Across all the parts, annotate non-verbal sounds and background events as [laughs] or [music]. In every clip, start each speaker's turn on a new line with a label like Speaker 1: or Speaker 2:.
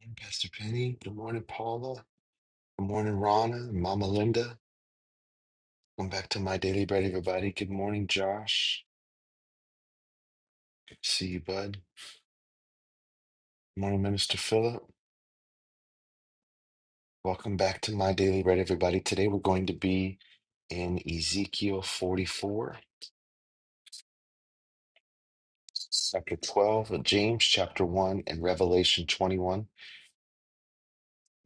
Speaker 1: morning, Pastor Penny. Good morning, Paula. Good morning, Rana and Mama Linda. Welcome back to my daily bread, everybody. Good morning, Josh. Good to see you, bud. Good morning, Minister Philip. Welcome back to my daily bread, everybody. Today we're going to be in Ezekiel 44, chapter 12, and James chapter 1, and Revelation 21.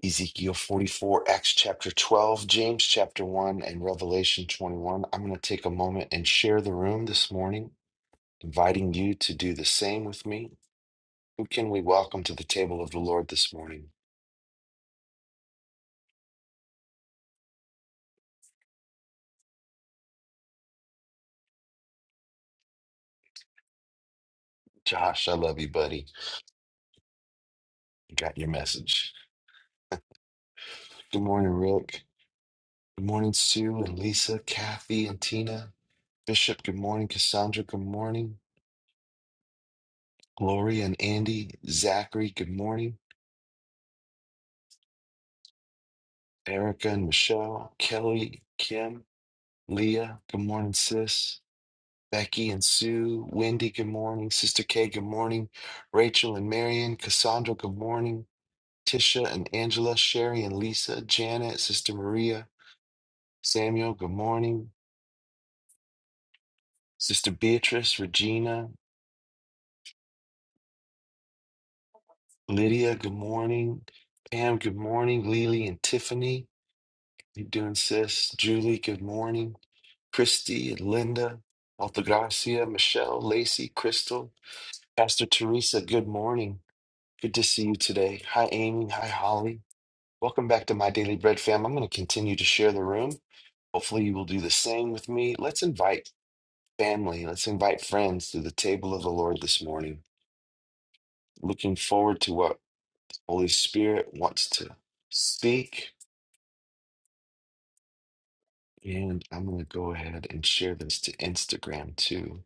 Speaker 1: Ezekiel 44, Acts chapter 12, James chapter 1, and Revelation 21. I'm going to take a moment and share the room this morning. inviting you to do the same with me. Who can we welcome to the table of the Lord this morning? Josh, I love you, buddy. I got your message. Good morning, Rick. Good morning, Sue and Lisa, Kathy and Tina. Bishop, good morning. Cassandra, good morning. Gloria and Andy, Zachary, good morning. Erica and Michelle, Kelly, Kim, Leah, good morning, sis. Becky and Sue, Wendy, good morning. Sister Kay, good morning. Rachel and Marion, Cassandra, good morning. Tisha and Angela, Sherry and Lisa, Janet, Sister Maria, Samuel, good morning. Sister Beatrice, Regina, Lydia, good morning. Pam, good morning. Lily and Tiffany, you doing, sis? Julie, good morning. Christy and Linda, Altagracia, Michelle, Lacey, Crystal, Pastor Teresa, good morning. Good to see you today. Hi, Amy. Hi, Holly. Welcome back to My Daily Bread fam. I'm going to continue to share the room. Hopefully, you will do the same with me. Let's invite Family, let's invite friends to the table of the Lord this morning. Looking forward to what Holy Spirit wants to speak. And I'm going to go ahead and share this to Instagram too.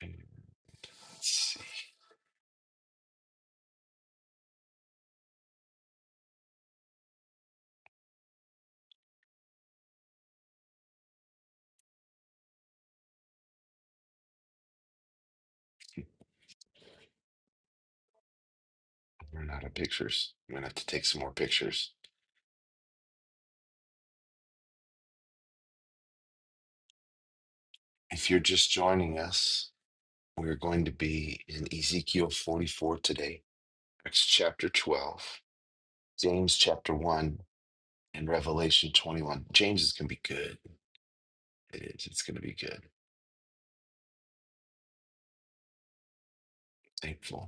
Speaker 1: And Let's see. We're not of pictures. I'm going to have to take some more pictures. If you're just joining us, we're going to be in Ezekiel 44 today, Acts chapter 12, James chapter 1, and Revelation 21. James is going to be good. It is. It's going to be good. Thankful.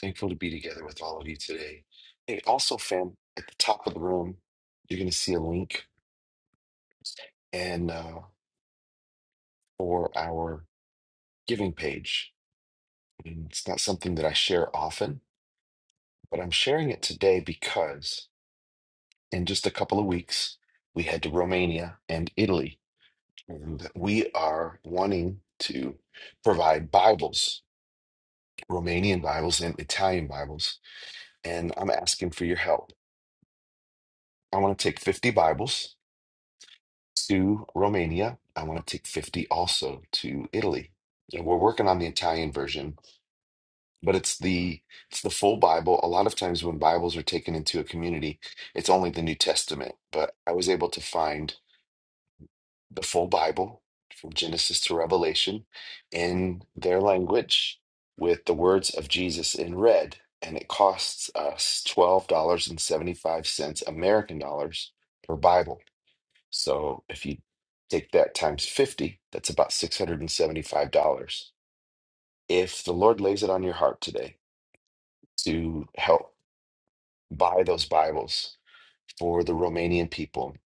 Speaker 1: Thankful to be together with all of you today. Hey, also, fam, at the top of the room, you're going to see a link and uh, for our giving page. And it's not something that I share often, but I'm sharing it today because in just a couple of weeks, we head to Romania and Italy. And we are wanting to provide Bibles, Romanian Bibles and Italian Bibles. And I'm asking for your help. I want to take 50 Bibles to Romania. I want to take 50 also to Italy. And we're working on the Italian version, but it's the it's the full Bible. A lot of times when Bibles are taken into a community, it's only the New Testament. But I was able to find the full Bible from Genesis to Revelation in their language with the words of Jesus in red. And it costs us $12.75 American dollars per Bible so if you take that times 50, that's about $675. If the Lord lays it on your heart today to help buy those Bibles for the Romanian people,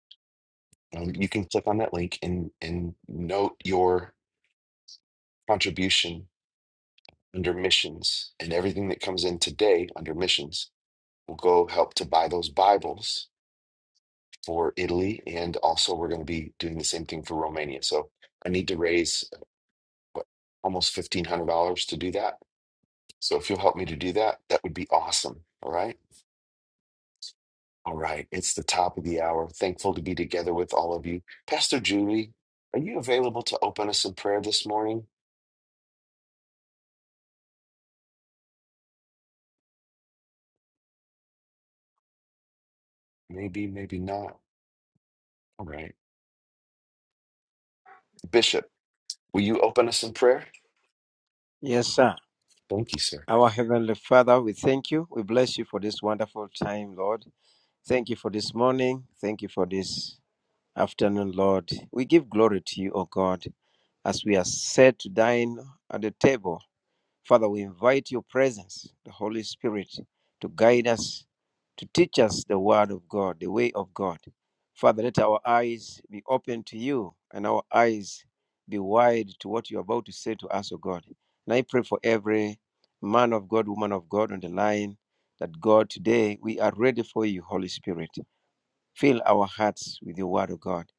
Speaker 1: um, you can click on that link and, and note your contribution under missions. And everything that comes in today under missions will go help to buy those Bibles for Italy. And also, we're going to be doing the same thing for Romania. So I need to raise what, almost $1,500 to do that. So if you'll help me to do that, that would be awesome. All right. All right. It's the top of the hour. Thankful to be together with all of you. Pastor Julie, are you available to open us in prayer this morning? Maybe, maybe not. All right. Bishop, will you open us in prayer?
Speaker 2: Yes, sir.
Speaker 1: Thank you, sir.
Speaker 2: Our Heavenly Father, we thank you. We bless you for this wonderful time, Lord. Thank you for this morning. Thank you for this afternoon, Lord. We give glory to you, O God, as we are set to dine at the table Father, we invite your presence, the Holy Spirit, to guide us, to teach us the word of God, the way of God. Father, let our eyes be open to you and our eyes be wide to what you're about to say to us, O God. And I pray for every man of God, woman of God on the line that God, today we are ready for you, Holy Spirit. Fill our hearts with your word, O God.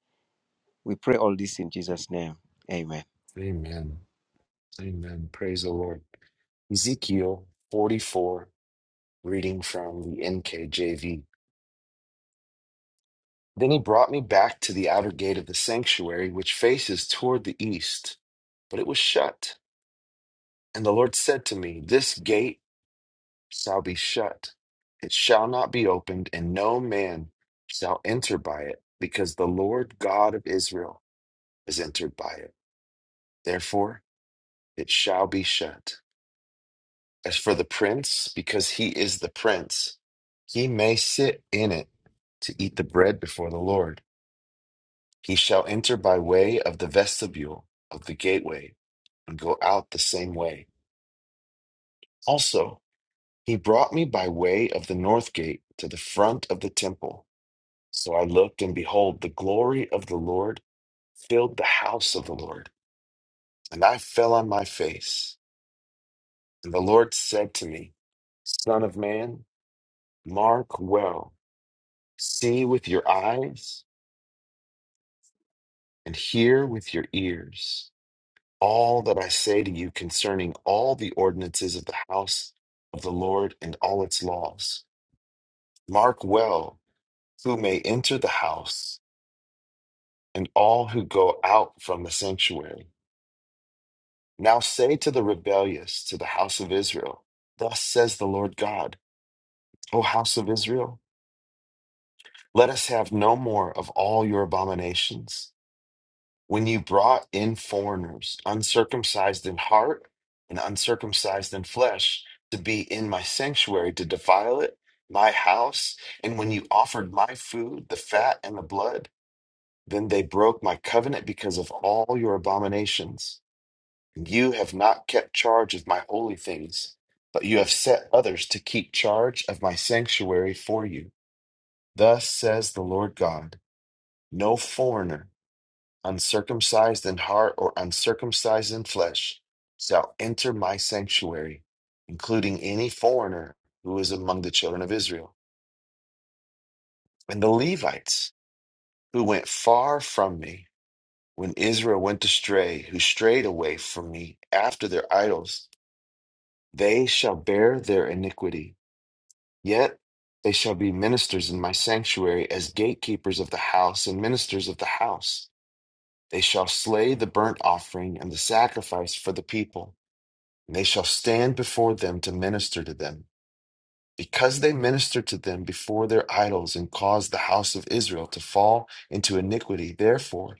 Speaker 2: We pray all this in Jesus' name. Amen.
Speaker 1: Amen. Amen. Praise the Lord. Ezekiel 44, reading from the NKJV. Then he brought me back to the outer gate of the sanctuary, which faces toward the east, but it was shut. And the Lord said to me, This gate shall be shut, it shall not be opened, and no man shall enter by it, because the Lord God of Israel is entered by it. Therefore, it shall be shut. As for the prince, because he is the prince, he may sit in it to eat the bread before the Lord. He shall enter by way of the vestibule of the gateway and go out the same way. Also, he brought me by way of the north gate to the front of the temple. So I looked, and behold, the glory of the Lord filled the house of the Lord. And I fell on my face. And the Lord said to me, Son of man, mark well, see with your eyes, and hear with your ears. all that I say to you concerning all the ordinances of the house of the Lord and all its laws. Mark well who may enter the house and all who go out from the sanctuary. Now say to the rebellious, to the house of Israel, Thus says the Lord God, O house of Israel, let us have no more of all your abominations. When you brought in foreigners, uncircumcised in heart and uncircumcised in flesh, to be in my sanctuary, to defile it, my house, and when you offered my food, the fat and the blood, then they broke my covenant because of all your abominations. And you have not kept charge of my holy things, but you have set others to keep charge of my sanctuary for you. Thus says the Lord God, no foreigner uncircumcised in heart or uncircumcised in flesh, shall enter my sanctuary, including any foreigner who is among the children of Israel. And the Levites who went far from me when Israel went astray, who strayed away from me after their idols, they shall bear their iniquity. Yet they shall be ministers in my sanctuary as gatekeepers of the house and ministers of the house. They shall slay the burnt offering and the sacrifice for the people and they shall stand before them to minister to them. Because they ministered to them before their idols and caused the house of Israel to fall into iniquity, therefore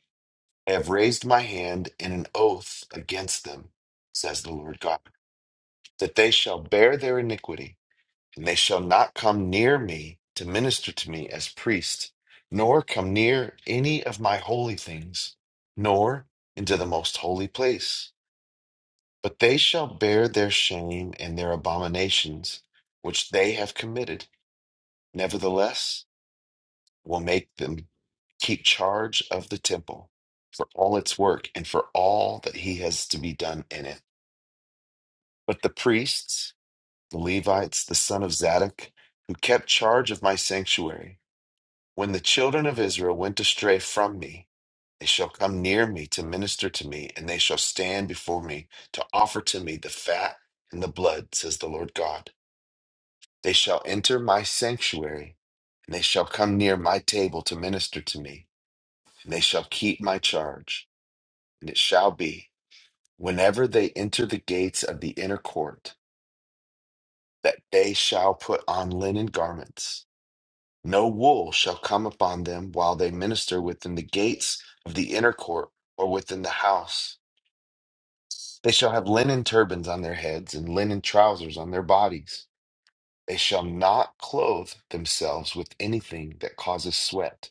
Speaker 1: I have raised my hand in an oath against them, says the Lord God, that they shall bear their iniquity, and they shall not come near me to minister to me as priest, nor come near any of my holy things, nor into the most holy place But they shall bear their shame and their abominations which they have committed. Nevertheless, will make them keep charge of the temple for all its work and for all that he has to be done in it. But the priests, the Levites, the son of Zadok, who kept charge of my sanctuary, when the children of Israel went astray from me, they shall come near me to minister to me, and they shall stand before me to offer to me the fat and the blood, says the Lord God. They shall enter my sanctuary, and they shall come near my table to minister to me, and they shall keep my charge. And it shall be, whenever they enter the gates of the inner court, that they shall put on linen garments. No wool shall come upon them while they minister within the gates of the inner court or within the house. They shall have linen turbans on their heads and linen trousers on their bodies. They shall not clothe themselves with anything that causes sweat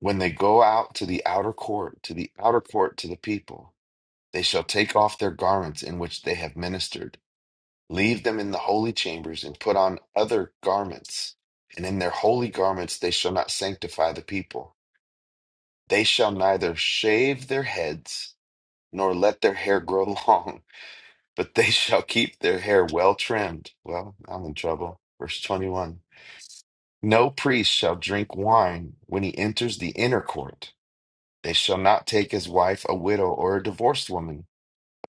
Speaker 1: When they go out to the outer court, to the outer court to the people, they shall take off their garments in which they have ministered, leave them in the holy chambers, and put on other garments. And in their holy garments they shall not sanctify the people. They shall neither shave their heads nor let their hair grow [laughs] long, but they shall keep their hair well trimmed. Well, I'm in trouble. Verse 21. No priest shall drink wine when he enters the inner court They shall not take as wife a widow or a divorced woman.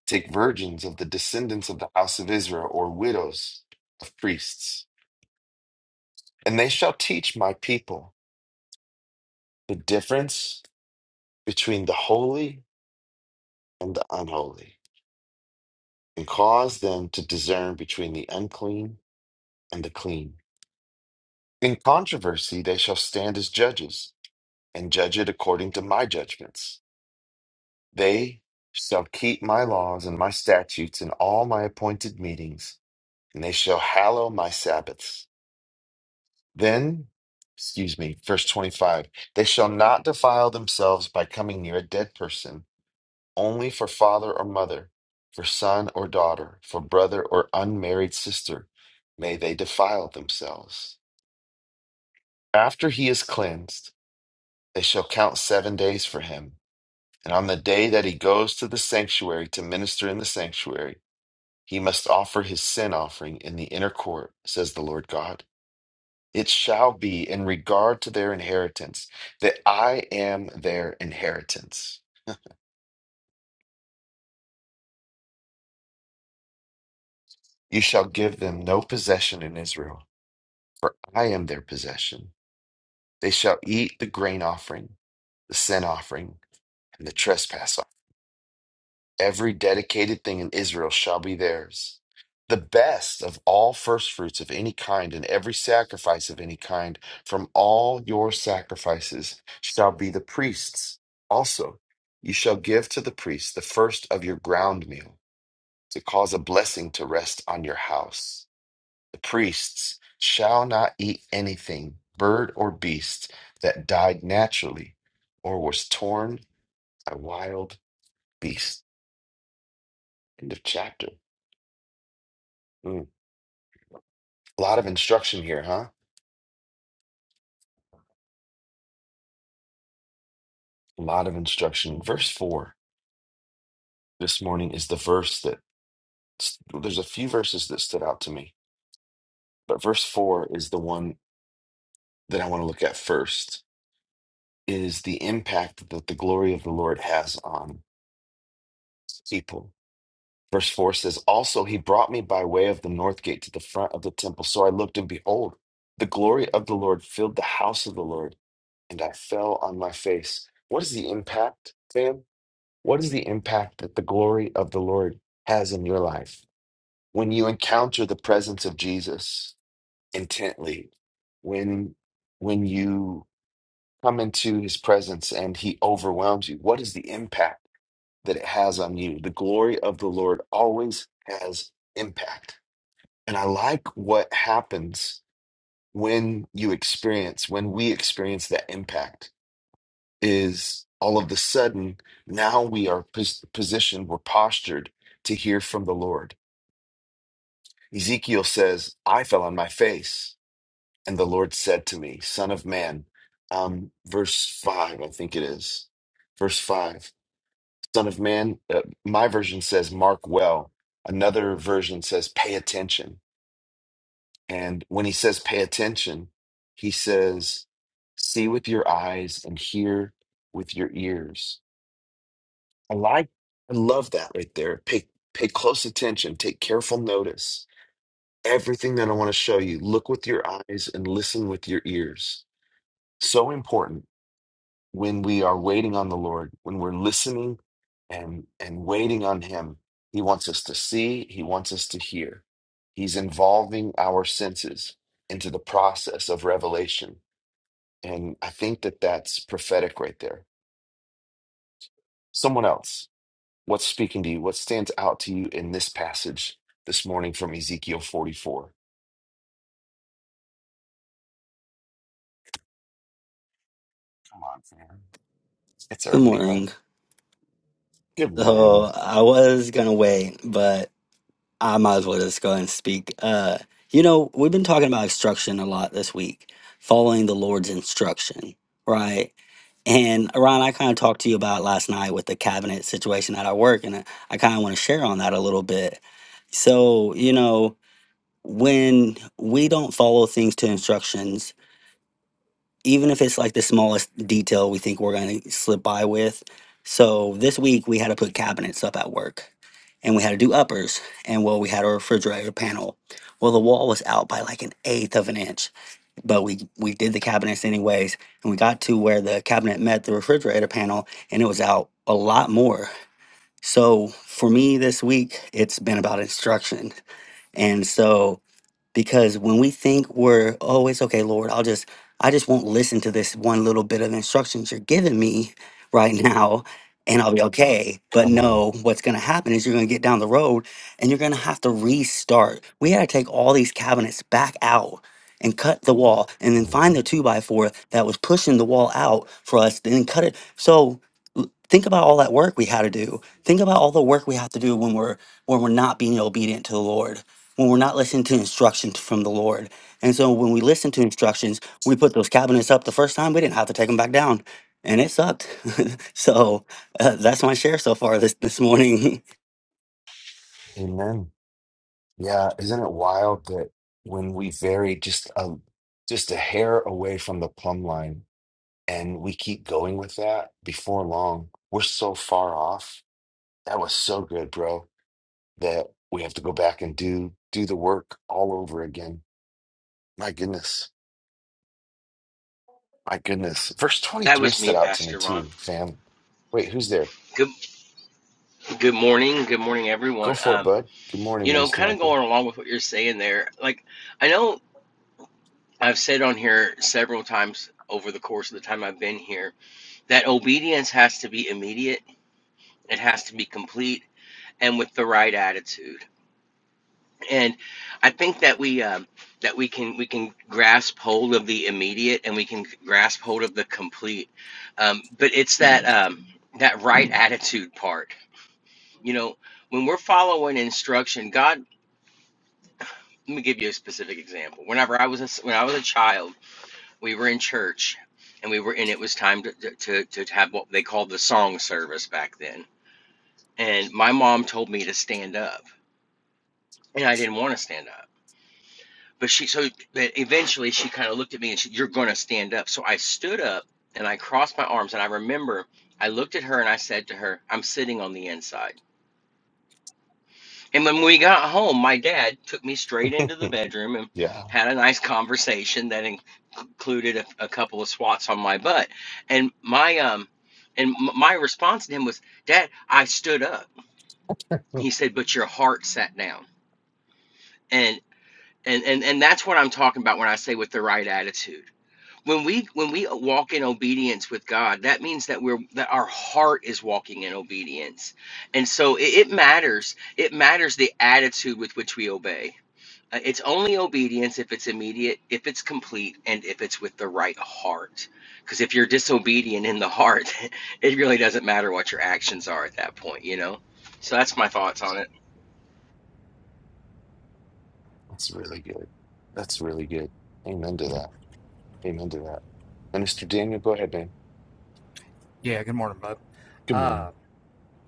Speaker 1: Take virgins of the descendants of the house of Israel or widows of priests. And they shall teach my people the difference between the holy and the unholy, and cause them to discern between the unclean and the clean. In controversy, they shall stand as judges and judge it according to my judgments. They shall keep my laws and my statutes in all my appointed meetings and they shall hallow my Sabbaths. Then, excuse me, verse 25, they shall not defile themselves by coming near a dead person, only for father or mother, for son or daughter, for brother or unmarried sister, may they defile themselves. After he is cleansed, they shall count seven days for him. And on the day that he goes to the sanctuary to minister in the sanctuary, he must offer his sin offering in the inner court, says the Lord God. It shall be in regard to their inheritance that I am their inheritance. You shall give them no possession in Israel, for I am their possession. They shall eat the grain offering, the sin offering, and the trespass Every dedicated thing in Israel shall be theirs. The best of all firstfruits of any kind and every sacrifice of any kind from all your sacrifices shall be the priest's. Also, you shall give to the priest the first of your ground meal to cause a blessing to rest on your house. The priests shall not eat anything, bird or beast, that died naturally or was torn by wild beasts. End of chapter. Mm. A lot of instruction here, huh? A lot of instruction. Verse 4 this morning is the verse that there's a few verses that stood out to me, but verse 4 is the one that I want to look at first is the impact that the glory of the Lord has on people. Verse 4 says, Also, he brought me by way of the north gate to the front of the temple. So I looked and behold, the glory of the Lord filled the house of the Lord, and I fell on my face. What is the impact, fam? What is the impact that the glory of the Lord has in your life? When you encounter the presence of Jesus intently, when when you come into his presence and he overwhelms you, what is the impact that it has on you? The glory of the Lord always has impact. And I like what happens when you experience, when we experience that impact is all of the sudden now we are pos- positioned, we're postured to hear from the Lord. Ezekiel says, I fell on my face, and the Lord said to me, Son of man, um, verse 5, I think it is. Verse 5, Son of man, uh, my version says, Mark well. Another version says, Pay attention. And when he says, Pay attention, he says, See with your eyes and hear with your ears I like, I love that right there. Pay pay close attention, take careful notice. Everything that I want to show you, look with your eyes and listen with your ears. So important when we are waiting on the Lord, when we're listening and and waiting on Him. He wants us to see, He wants us to hear. He's involving our senses into the process of revelation. And I think that that's prophetic right there. Someone else. What's speaking to you? What stands out to you in this passage this morning from Ezekiel 44? Come on, man. It's
Speaker 3: Good
Speaker 1: early, huh?
Speaker 3: morning.
Speaker 1: Good
Speaker 3: So
Speaker 1: morning.
Speaker 3: I was gonna wait, but I might as well just go ahead and speak. Uh, you know, we've been talking about instruction a lot this week, following the Lord's instruction, right? And Ron, I kind of talked to you about last night with the cabinet situation at our work, and I kind of want to share on that a little bit. So, you know, when we don't follow things to instructions even if it's like the smallest detail we think we're going to slip by with. So this week we had to put cabinets up at work and we had to do uppers. And well, we had a refrigerator panel. Well, the wall was out by like an eighth of an inch, but we, we did the cabinets anyways. And we got to where the cabinet met the refrigerator panel and it was out a lot more. So for me this week, it's been about instruction. And so because when we think we're oh it's okay lord i'll just i just won't listen to this one little bit of instructions you're giving me [laughs] right now and i'll be okay but
Speaker 1: Come on.
Speaker 3: no what's going to happen is you're going to get down the road and you're going to have to restart we had to take all these cabinets back out and cut the wall and then find the
Speaker 1: Mhm.
Speaker 3: two by four that was pushing the wall out for us then cut it so l- think about all that work we had to do think about all the work we have to do when we're when we're not being obedient to the lord when we're not listening to instructions from the Lord. And so when we listen to instructions, we put those cabinets up the first time, we didn't have to take them back down. And it sucked. [laughs] so uh, that's my share so far this, this morning,
Speaker 1: Amen. Yeah, isn't it wild that when we vary just a just a hair away from the plumb line and we keep going with that, before long, we're so far off. That was so good, bro, that we have to go back and do do the work all over again. My goodness. My goodness. Verse
Speaker 4: That
Speaker 1: 23
Speaker 4: was me,
Speaker 1: stood out to me
Speaker 4: Pastor Ron.
Speaker 1: too, fam. Wait, who's there?
Speaker 4: Good, good morning, good morning,
Speaker 1: Go
Speaker 4: everyone.
Speaker 1: for it,
Speaker 4: Um,
Speaker 1: bud. Good morning,
Speaker 4: you know,
Speaker 1: Minister
Speaker 4: kind of
Speaker 1: Michael.
Speaker 4: going along with what you're saying there. Like, I know I've said on here several times over the course of the time I've been here that obedience has to be immediate, it has to be complete, and with the right attitude. And I think that we um, that we can we can grasp hold of the immediate, and we can grasp hold of the complete. Um, but it's that um, that right attitude part You know, when we're following instruction, God, let me give you a specific example. Whenever I was a, when I was a child, we were in church, and we were and it was time to to to to have what they called the song service back then. And my mom told me to stand up, and I didn't want to stand up. But she so but eventually she kind of looked at me and she, you're going to stand up. So I stood up and I crossed my arms and I remember I looked at her and I said to her, I'm sitting on the inside. And when we got home, my dad took me straight
Speaker 1: [laughs]
Speaker 4: into the bedroom and
Speaker 1: yeah,
Speaker 4: had a nice conversation that in- included a, a couple of swats on my butt. And my um, and m- my response to him was, "Dad, I stood up." He said, "But your heart sat down." And and and and that's what I'm talking about when I say with the right attitude. When we when we walk in obedience with God, that means that we're that our heart is walking in obedience. And so it, it matters. It matters the attitude with which we obey Uh, It's only obedience if it's immediate, if it's complete, and if it's with the right heart. Because if you're disobedient in the heart, [laughs] it really doesn't matter what your actions are at that point, you know? So that's my thoughts on it.
Speaker 1: that's really good. That's really good. Amen to that. Amen to that. Minister Daniel, go ahead, man.
Speaker 5: Yeah, good morning, bud.
Speaker 1: Good morning.
Speaker 5: Uh,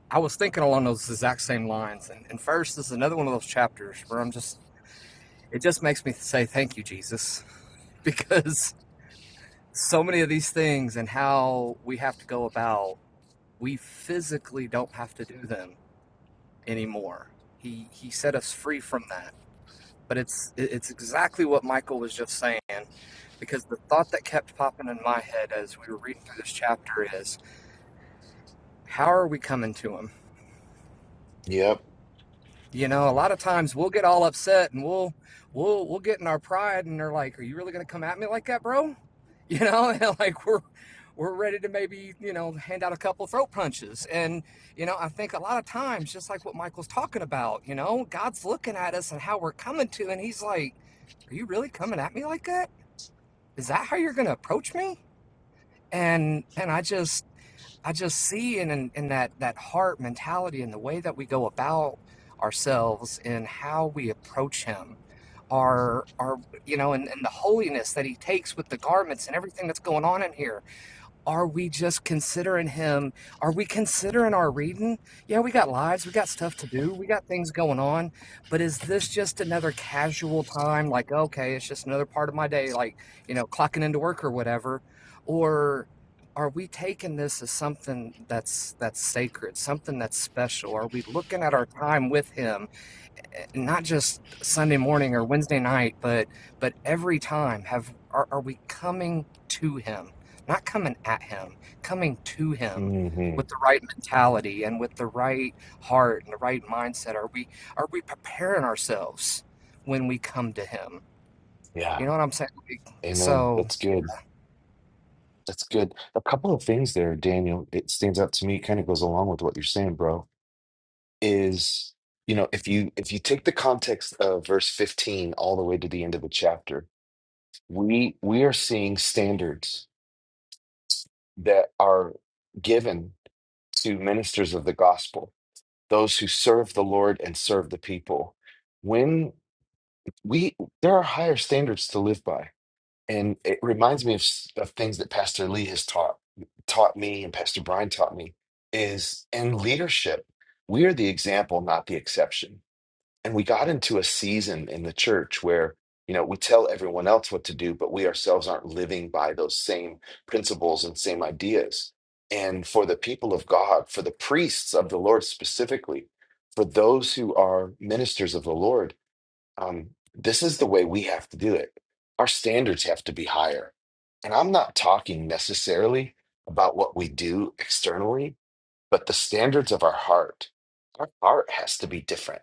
Speaker 5: I was thinking along those exact same lines, and, and first this is another one of those chapters where I'm just it just makes me say thank you, Jesus, [laughs] because so many of these things and how we have to go about, we physically don't have to do them anymore. He he set us free from that, but it's it- it's exactly what Michael was just saying, because the thought that kept popping in my head as we were reading through this chapter is, how are we coming to him?
Speaker 1: Yep.
Speaker 5: you know a lot of times we'll get all upset and we'll we'll we'll get in our pride and they're like are you really going to come at me like that bro [laughs] you know and like we're we're ready to maybe you know hand out a couple throat punches and you know i think a lot of times just like what michael's talking about you know god's looking at us and how we're coming to and he's like are you really coming at me like that is that how you're going to approach me and and i just I just see in, in, in that, that heart mentality and the way that we go about ourselves and how we approach him our our you know and, and the holiness that he takes with the garments and everything that's going on in here are we just considering him? Are we considering our reading? Yeah, we got lives, we got stuff to do, we got things going on, but is this just another casual time? Like, okay, it's just another part of my day, like, you know, clocking into work or whatever. Or are we taking this as something that's that's sacred, something that's special? Are we looking at our time with him not just Sunday morning or Wednesday night, but but every time have are, are we coming to him, not coming at him, coming to him
Speaker 1: hmm
Speaker 5: with the right mentality and with the right heart and the right mindset? Are we are we preparing ourselves when we come to him?
Speaker 1: Yeah.
Speaker 5: You know what I'm saying? Like,
Speaker 1: Amen.
Speaker 5: So
Speaker 1: That's good. That's good. A couple of things there, Daniel. It stands out to me. Kind of goes along with what you're saying, bro. Is you know if you if you take the context of verse 15 all the way to the end of the chapter we we are seeing standards that are given to ministers of the gospel those who serve the lord and serve the people when we there are higher standards to live by and it reminds me of, s- of things that pastor lee has taught taught me and pastor brian taught me is in leadership we are the example not the exception And we got into a season in the church where, you know, we tell everyone else what to do, but we ourselves aren't living by those same principles and same ideas. And for the people of God, for the priests of the Lord specifically, for those who are ministers of the Lord, um, this is the way we have to do it. Our standards have to be higher. And I'm not talking necessarily about what we do externally, but the standards of our heart. Our heart has to be different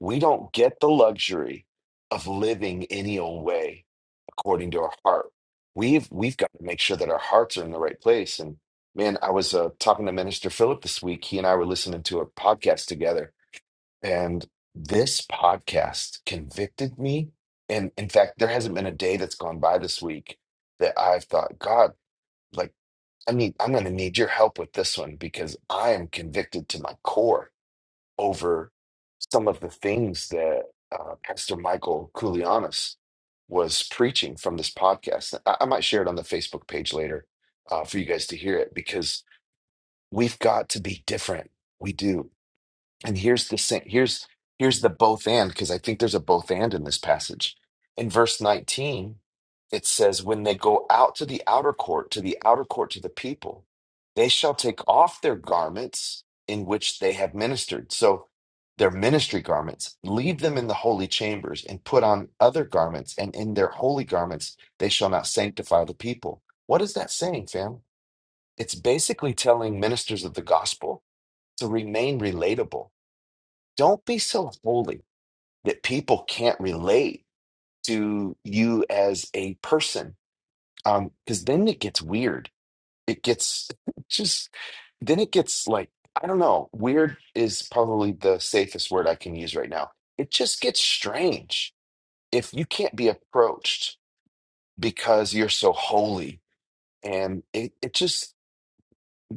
Speaker 1: we don't get the luxury of living any old way according to our heart. We've we've got to make sure that our hearts are in the right place. And man, I was uh, talking to Minister Philip this week. He and I were listening to a podcast together, and this podcast convicted me. And in fact, there hasn't been a day that's gone by this week that I've thought, God, like I need, I'm going to need your help with this one because I am convicted to my core over some of the things that uh, Pastor Michael Koulianos was preaching from this podcast. I, I might share it on the Facebook page later uh, for you guys to hear it because we've got to be different. We do and here's the sa- here's here's the both and because I think there's a both and in this passage. In verse 19, it says, "When they go out to the outer court, to the outer court to the people, they shall take off their garments in which they have ministered." So their ministry garments, leave them in the holy chambers and put on other garments, and in their holy garments they shall not sanctify the people. What is that saying, fam? It's basically telling ministers of the gospel to remain relatable don't be so holy that people can't relate to you as a person um because then it gets weird it gets [laughs] just then it gets like i don't know weird is probably the safest word i can use right now it just gets strange if you can't be approached because you're so holy and it, it just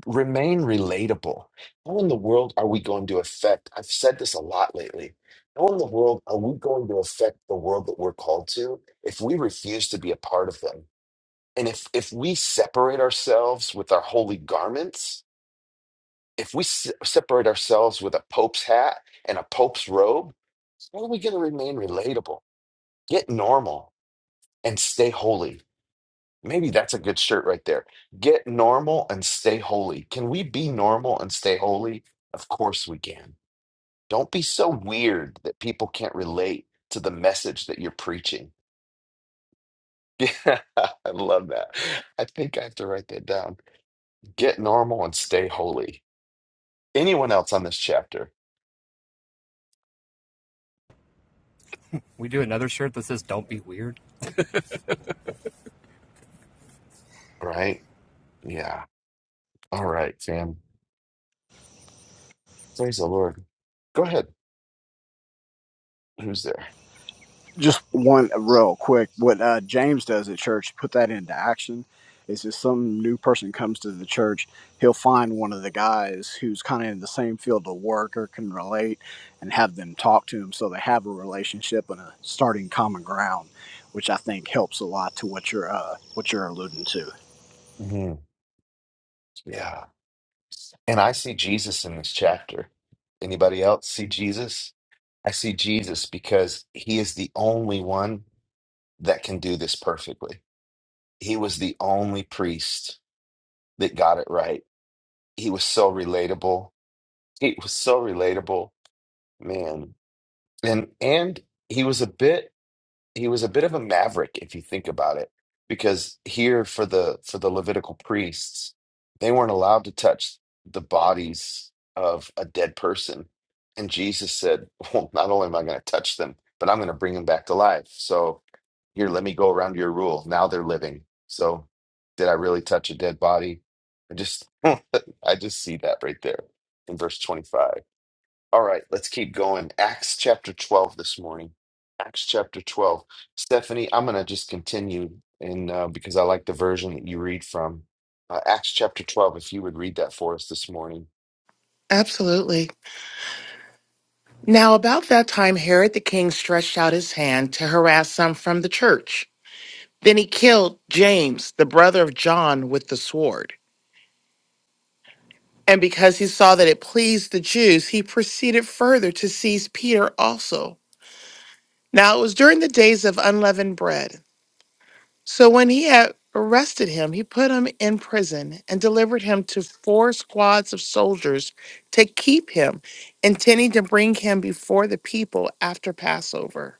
Speaker 1: remain relatable. How in the world are we going to affect? I've said this a lot lately. How in the world are we going to affect the world that we're called to if we refuse to be a part of them? And if, if we separate ourselves with our holy garments, if we se- separate ourselves with a pope's hat and a pope's robe, how are we going to remain relatable, get normal, and stay holy? Maybe that's a good shirt right there. Get normal and stay holy. Can we be normal and stay holy? Of course we can. Don't be so weird that people can't relate to the message that you're preaching. [laughs] Yeah, I love that. I think I have to write that down. Get normal and stay holy. Anyone else on this chapter?
Speaker 5: we do another shirt that says "Don't be weird."
Speaker 1: Right? Yeah. All right, fam. Praise the Lord. Go ahead. Who's there?
Speaker 6: just one real quick what uh, james does at church put that into action is if some new person comes to the church he'll find one of the guys who's kind of in the same field of work or can relate and have them talk to him so they have a relationship and a starting common ground which i think helps a lot to what you're uh, what you're alluding to
Speaker 1: Mhm. Yeah. And I see Jesus in this chapter. Anybody else see Jesus? I see Jesus because he is the only one that can do this perfectly. He was the only priest that got it right. He was so relatable. He was so relatable, man. And and he was a bit he was a bit of a maverick if you think about it because here for the for the levitical priests they weren't allowed to touch the bodies of a dead person and jesus said [laughs] well not only am i going to touch them but i'm going to bring them back to life so here let me go around your rule now they're living so did i really touch a dead body i just [laughs] i just see that right there in verse 25 all right, let's keep going. Acts chapter 12 this morning. Acts chapter 12. Stephanie, I'm going to just continue in uh, because I like the version that you read from. Uh, Acts chapter 12, if you would read that for us this morning.
Speaker 7: Absolutely. Now, about that time, Herod the king stretched out his hand to harass some from the church. Then he killed James, the brother of John, with the sword. And because he saw that it pleased the Jews, he proceeded further to seize Peter also. Now, it was during the days of unleavened bread. So when he had arrested him, he put him in prison and delivered him to four squads of soldiers to keep him, intending to bring him before the people after Passover.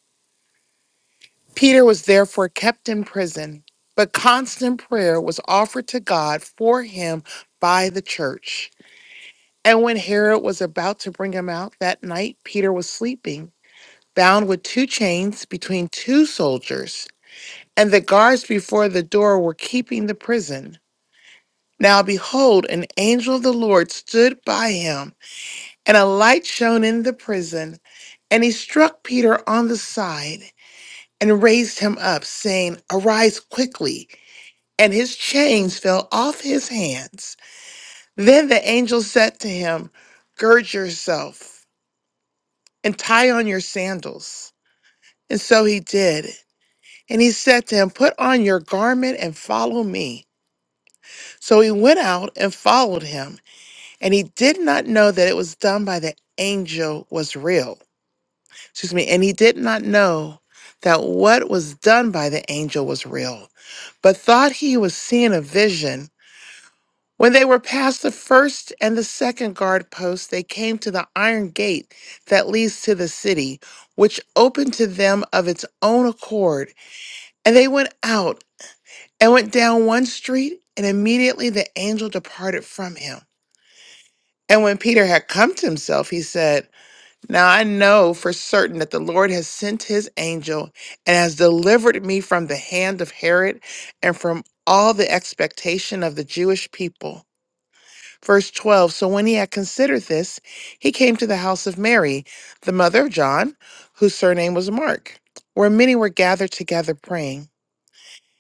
Speaker 7: Peter was therefore kept in prison, but constant prayer was offered to God for him by the church. And when Herod was about to bring him out that night, Peter was sleeping, bound with two chains between two soldiers, and the guards before the door were keeping the prison. Now behold, an angel of the Lord stood by him, and a light shone in the prison, and he struck Peter on the side and raised him up, saying, Arise quickly. and his chains fell off his hands. Then the angel said to him, Gird yourself and tie on your sandals. And so he did. And he said to him, Put on your garment and follow me. So he went out and followed him. And he did not know that it was done by the angel was real. Excuse me. And he did not know that what was done by the angel was real, but thought he was seeing a vision. When they were past the first and the second guard posts, they came to the iron gate that leads to the city, which opened to them of its own accord. And they went out and went down one street, and immediately the angel departed from him. And when Peter had come to himself, he said, Now I know for certain that the Lord has sent his angel and has delivered me from the hand of Herod and from all the expectation of the Jewish people Verse 12 So when he had considered this, he came to the house of Mary, the mother of John, whose surname was Mark, where many were gathered together praying.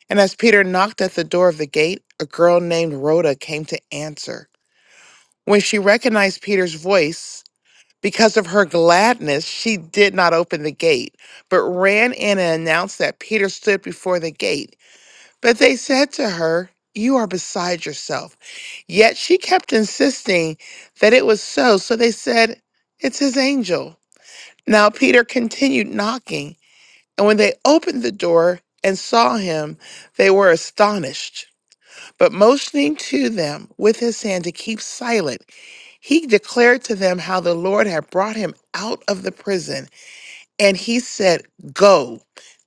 Speaker 7: And as Peter knocked at the door of the gate, a girl named Rhoda came to answer. When she recognized Peter's voice, because of her gladness, she did not open the gate, but ran in and announced that Peter stood before the gate. But they said to her, You are beside yourself. Yet she kept insisting that it was so, so they said, It's his angel. Now Peter continued knocking, and when they opened the door and saw him, they were astonished. But motioning to them with his hand to keep silent, he declared to them how the Lord had brought him out of the prison. And he said, Go,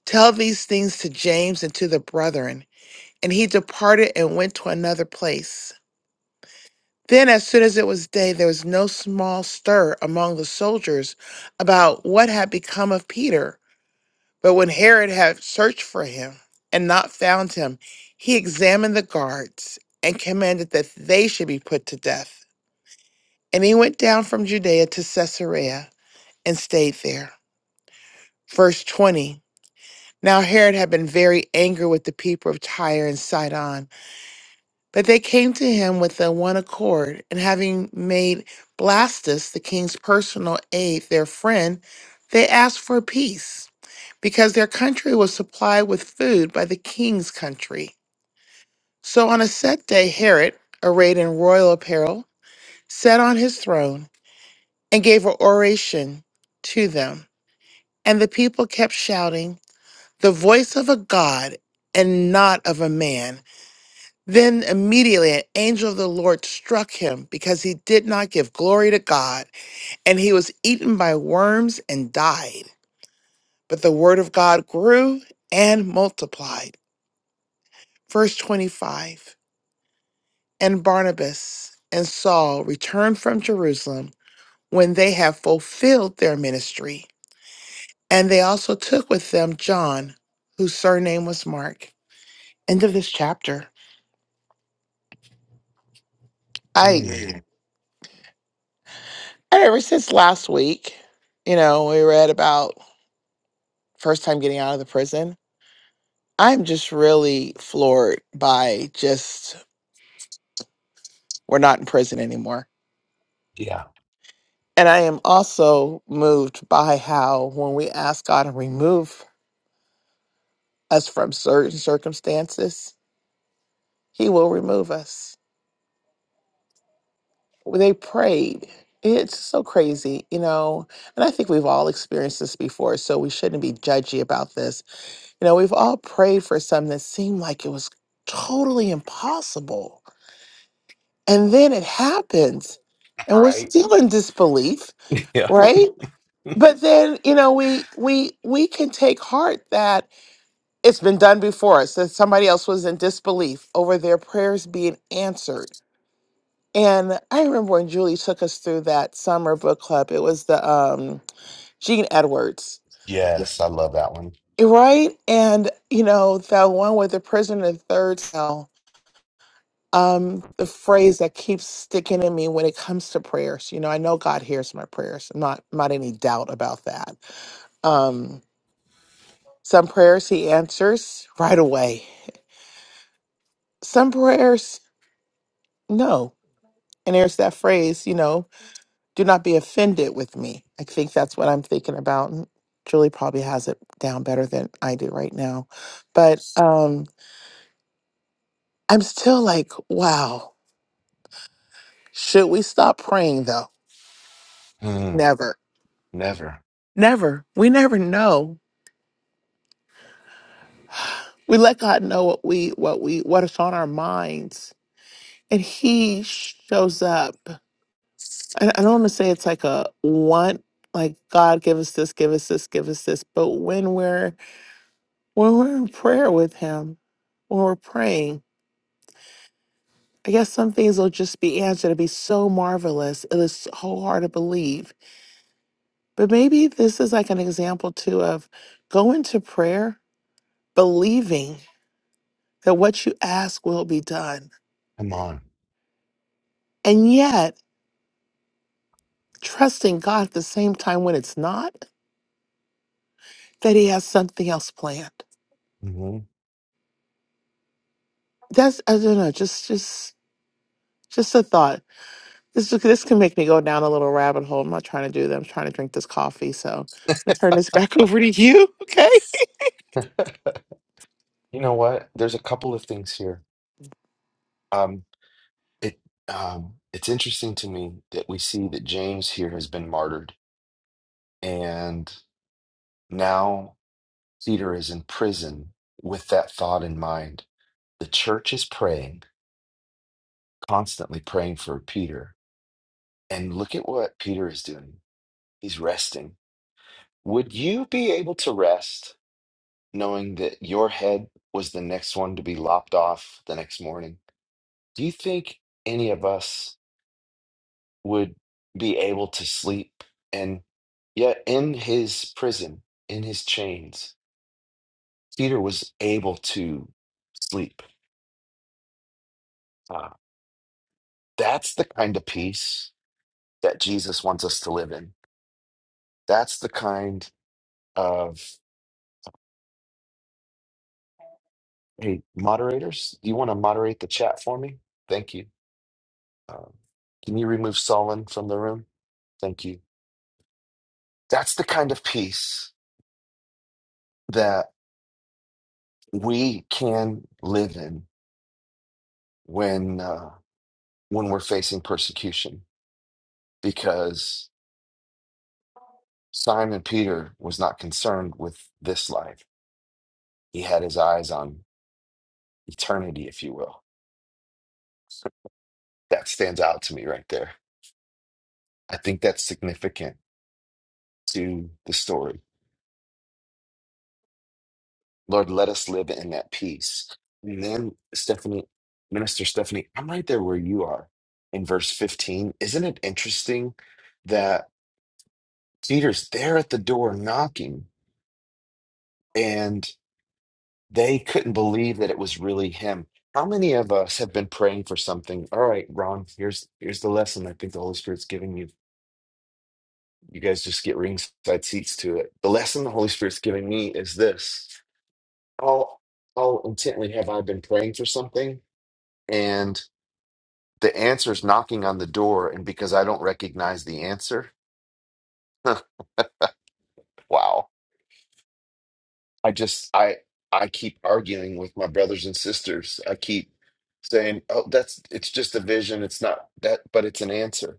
Speaker 7: tell these things to James and to the brethren. And he departed and went to another place. Then, as soon as it was day, there was no small stir among the soldiers about what had become of Peter. But when Herod had searched for him and not found him, he examined the guards and commanded that they should be put to death. And he went down from Judea to Caesarea and stayed there. Verse 20 Now Herod had been very angry with the people of Tyre and Sidon But they came to him with a one accord, and having made Blastus, the king's personal aide, their friend, they asked for peace, because their country was supplied with food by the king's country. So on a set day, Herod, arrayed in royal apparel, sat on his throne and gave an oration to them. And the people kept shouting, The voice of a god and not of a man Then immediately an angel of the Lord struck him because he did not give glory to God, and he was eaten by worms and died. But the word of God grew and multiplied. Verse 25 And Barnabas and Saul returned from Jerusalem when they had fulfilled their ministry. And they also took with them John, whose surname was Mark. End of this chapter. I,
Speaker 1: Mm,
Speaker 7: Yeah. ever since last week, you know, we read about first time getting out of the prison. I'm just really floored by just we're not in prison anymore.
Speaker 1: yeah.
Speaker 7: And I am also moved by how when we ask God to remove us from certain circumstances, He will remove us. They prayed. It's so crazy, you know. And I think we've all experienced this before, so we shouldn't be judgy about this. You know, we've all prayed for something that seemed like it was totally impossible And then it happens. And
Speaker 1: All
Speaker 7: we're
Speaker 1: right. [laughs]
Speaker 7: still in disbelief,
Speaker 1: Yeah.
Speaker 7: right? But then, you know, we we we can take heart that it's been done before us, that somebody else was in disbelief over their prayers being answered. And I remember when Julie took us through that summer book club, it was the um Gene Edwards.
Speaker 1: Yes, I love that one.
Speaker 7: Right? And you know, the one with the prison in the third cell um the phrase that keeps sticking in me when it comes to prayers you know i know god hears my prayers I'm not not any doubt about that um some prayers he answers right away some prayers no and there's that phrase you know do not be offended with me i think that's what i'm thinking about and julie probably has it down better than i do right now but um i'm still like wow should we stop praying though
Speaker 1: Mm,
Speaker 7: never
Speaker 1: never.
Speaker 7: never we never know We let God know what we what we what is on our minds, and He shows up. I, I don't want to say it's like a want, like God give us this, give us this, give us this. But when we're when we're in prayer with Him, when we're praying, I guess some things will just be answered. It'd be so marvelous. It is so hard to believe. But maybe this is like an example too of go into prayer believing that what you ask will be done,
Speaker 1: Come on.
Speaker 7: and yet. trusting God at the same time when it's not, that he has something else planned.
Speaker 1: hmm
Speaker 7: That's I don't know, just just just a thought. This is- this can make me go down a little rabbit hole. I'm not trying to do that. I'm trying to drink this coffee. So I'll turn this back [laughs] over to you. Okay.
Speaker 1: You know what? There's a couple of things here. Um, it um, it's interesting to me that we see that James here has been martyred, and now. Peter is in prison with that thought in mind. The church is praying, constantly praying for Peter. And look at what Peter is doing. He's resting. Would you be able to rest knowing that your head was the next one to be lopped off the next morning? Do you think any of us would be able to sleep? And yet, in his prison, in his chains, Peter was able to sleep. Ah, that's the kind of peace that Jesus wants us to live in. That's the kind of, hey, moderators, do you want to moderate the chat for me? Thank you. Um, can you remove Solon from the room? Thank you. That's the kind of peace that we can live in when uh, when we're facing persecution, because Simon Peter was not concerned with this life. He had his eyes on eternity, if you will. That stands out to me right there. I think that's significant to the story. Lord, let us live in that peace. And then Stephanie, Minister Stephanie, I'm right there where you are in verse 15. Isn't it interesting that Peter's there at the door knocking and they couldn't believe that it was really him? How many of us have been praying for something? All right, Ron, here's here's the lesson I think the Holy Spirit's giving you. You guys just get ringside seats to it. The lesson the Holy Spirit's giving me is this. how how intently have I been praying for something and the answer's knocking on the door and because I don't recognize the answer [laughs] wow I just I I keep arguing with my brothers and sisters I keep saying oh that's it's just a vision it's not that but it's an answer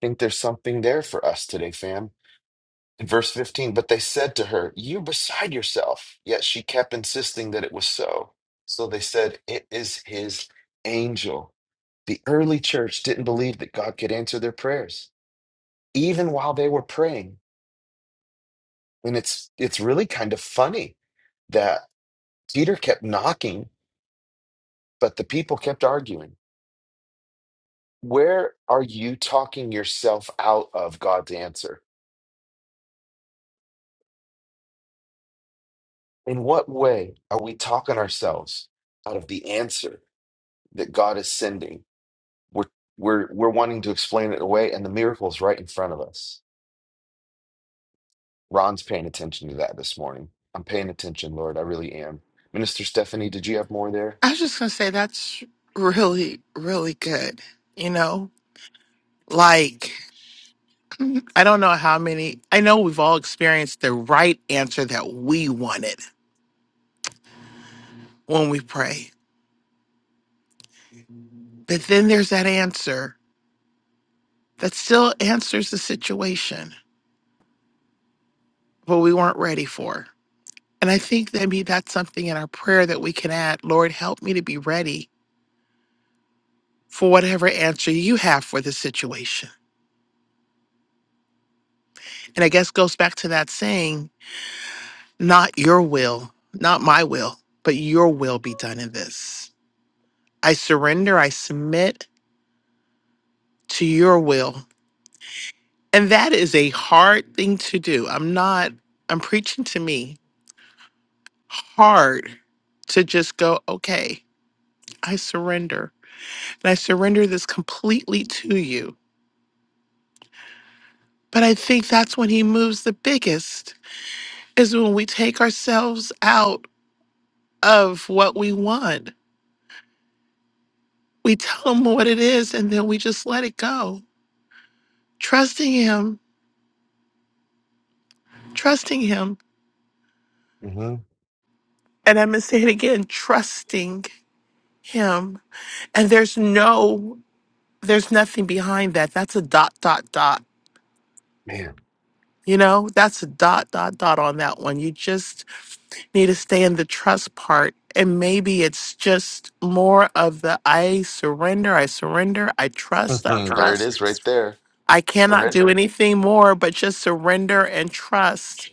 Speaker 1: I think there's something there for us today fam in verse 15 but they said to her you're beside yourself yet she kept insisting that it was so so they said it is his angel The early church didn't believe that God could answer their prayers, even while they were praying. And it's it's really kind of funny that Peter kept knocking, but the people kept arguing. Where are you talking yourself out of God's answer? In what way are we talking ourselves out of the answer that God is sending? We're we're we're wanting to explain it away, and the miracle's right in front of us. Ron's paying attention to that this morning. I'm paying attention, Lord. I really am. Minister Stephanie, did you have more there?
Speaker 7: I was just gonna say that's really, really good. You know, like I don't know how many. I know we've all experienced the right answer that we wanted when we pray, but then there's that answer. that still answers the situation, what we weren't ready for. And I think that maybe that's something in our prayer that we can add Lord, help me to be ready for whatever answer you have for the situation. And I guess goes back to that saying, not your will, not my will, but your will be done in this. I surrender, I submit to your will. And that is a hard thing to do. I'm not, I'm preaching to me hard to just go, okay, I surrender. and I surrender this completely to you. But I think that's when he moves the biggest, is when we take ourselves out of what we want. We tell him what it is, and then we just let it go. Trusting him, trusting him.
Speaker 1: hmm
Speaker 7: And I'm going to say it again trusting him. And there's no, there's nothing behind that. That's a dot, dot, dot
Speaker 1: Man,
Speaker 7: You know, that's a dot, dot, dot on that one. You just need to stay in the trust part. And maybe it's just more of the I surrender, I surrender, I trust, I Uh-huh.
Speaker 1: Mhm. there it
Speaker 7: trust.
Speaker 1: is right there.
Speaker 7: I cannot do
Speaker 1: Surrender.
Speaker 7: anything more but just surrender and trust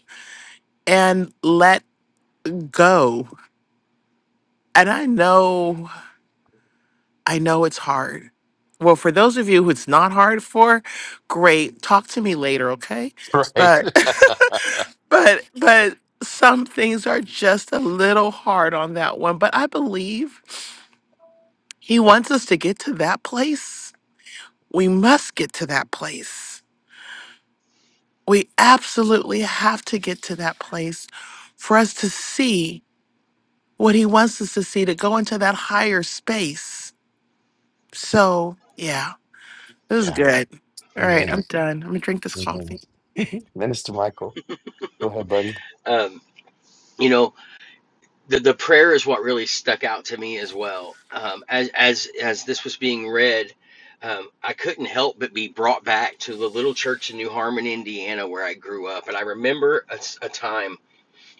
Speaker 7: and let go. And I know, I know it's hard. Well, for those of you who it's not hard for, great. Talk to me later, okay?
Speaker 1: [laughs] Right.
Speaker 7: But [laughs]
Speaker 1: [laughs]
Speaker 7: but but some things are just a little hard on that one but i believe he wants us to get to that place we must get to that place we absolutely have to get to that place for us to see what he wants us to see to go into that higher space so yeah this is
Speaker 1: yeah.
Speaker 7: good all right
Speaker 1: Amen.
Speaker 7: i'm done i'm gonna drink this
Speaker 1: Amen.
Speaker 7: coffee
Speaker 1: [laughs] Minister Michael, go ahead, buddy.
Speaker 4: Um, you know, the, the prayer is what really stuck out to me as well. Um, as, as, as this was being read, um, I couldn't help but be brought back to the little church in New Harmon, Indiana, where I grew up. And I remember a s a a time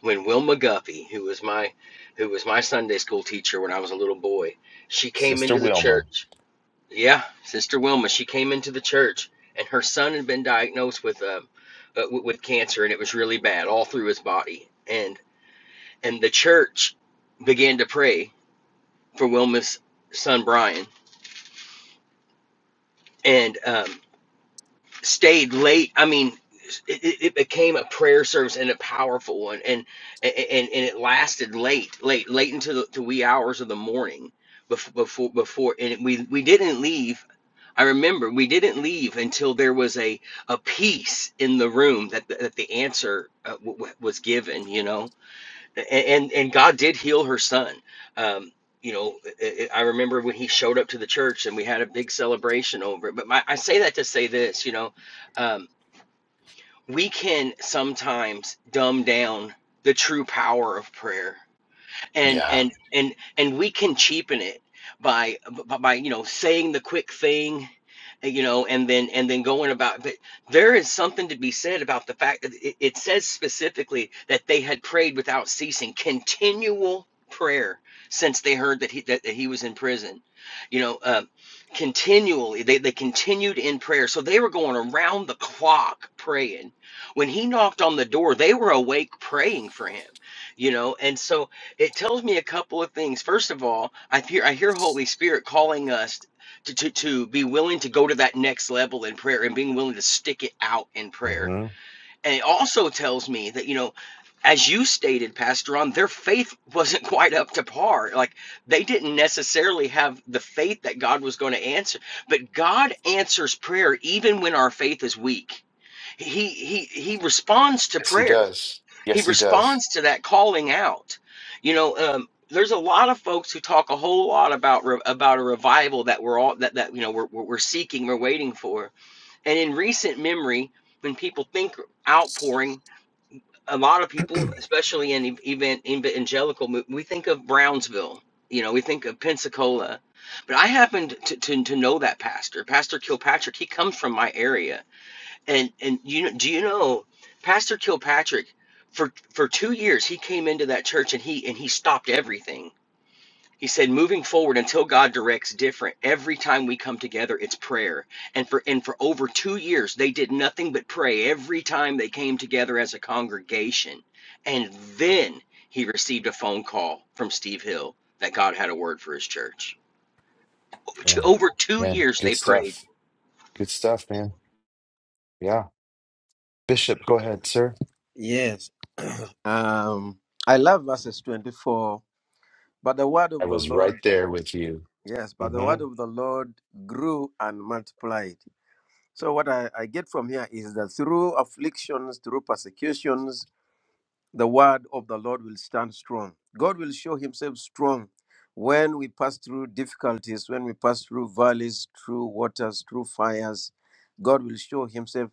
Speaker 4: when Wilma Guffey, who was my who was my Sunday school teacher when I was a little boy, she came
Speaker 1: Sister
Speaker 4: into the
Speaker 1: Wilma.
Speaker 4: church. Yeah, Sister Wilma, she came into the church, and her son had been diagnosed with um, uh, with cancer, and it was really bad all through his body. And and the church began to pray for Wilma's son Brian, and um, stayed late. I mean, it, it became a prayer service and a powerful one, and and and it lasted late, late, late into the to wee hours of the morning before before before, and we we didn't leave. I remember we didn't leave until there was a a peace in the room that the, that the answer uh, w- w- was given, you know and and God did heal her son. Um, you know, i I I remember when he showed up to the church and we had a big celebration over it. But my, I say that to say this, you know, um, we can sometimes dumb down the true power of prayer and
Speaker 1: Yeah.
Speaker 4: and and and we can cheapen it by by by, you know saying the quick thing eh, you know and then and then going about but there is something to be said about the fact that it, it says specifically that they had prayed without ceasing continual prayer since they heard that he that, that he was in prison you know uh, continually they, they continued in prayer so they were going around the clock praying when he knocked on the door they were awake praying for him you know and so it tells me a couple of things. First of all, I hear I hear Holy Spirit calling us to, to to be willing to go to that next level in prayer and being willing to stick it out in prayer.
Speaker 1: hmm
Speaker 4: And it also tells me that you know, as you stated, Pastor Ron, their faith wasn't [laughs] quite up to par. Like they didn't necessarily have the faith that God was going to answer. But God answers prayer even when our faith is weak. He he he responds to
Speaker 1: Yes, he
Speaker 4: prayer
Speaker 1: does.
Speaker 4: he
Speaker 1: Yes, he does.
Speaker 4: responds to that calling out you know um there's a lot of folks who talk a whole lot about re- about a revival that we're all that that you know we're, we're we're seeking we're waiting for and in recent memory when people think outpouring a lot of people especially in ev- even evangelical mov- we think of brownsville you know we think of pensacola but i happened to, to, to know that pastor pastor kilpatrick he comes from my area and and you do you know Pastor Kilpatrick for for 2 years he came into that church and he and he stopped everything. He said moving forward until God directs different. Every time we come together it's prayer. And for and for over 2 years they did nothing but pray every time they came together as a congregation. And then he received a phone call from Steve Hill that God had a word for his church. To,
Speaker 1: Man,
Speaker 4: over 2
Speaker 1: man,
Speaker 4: years
Speaker 1: good
Speaker 4: they prayed.
Speaker 1: stuff. Good stuff, man. Yeah. Bishop, go ahead, sir.
Speaker 2: Yes. [clears throat] um, I love verses 24 But the word
Speaker 1: I
Speaker 2: of the
Speaker 1: was
Speaker 2: Lord,
Speaker 1: right there with you.
Speaker 2: yes, but the
Speaker 1: hmm
Speaker 2: word of the Lord grew and multiplied. So, what I, I get from here is that through afflictions, through persecutions, the word of the Lord will stand strong. God will show himself strong when we pass through difficulties, when we pass through valleys, through waters, through fires. God will show himself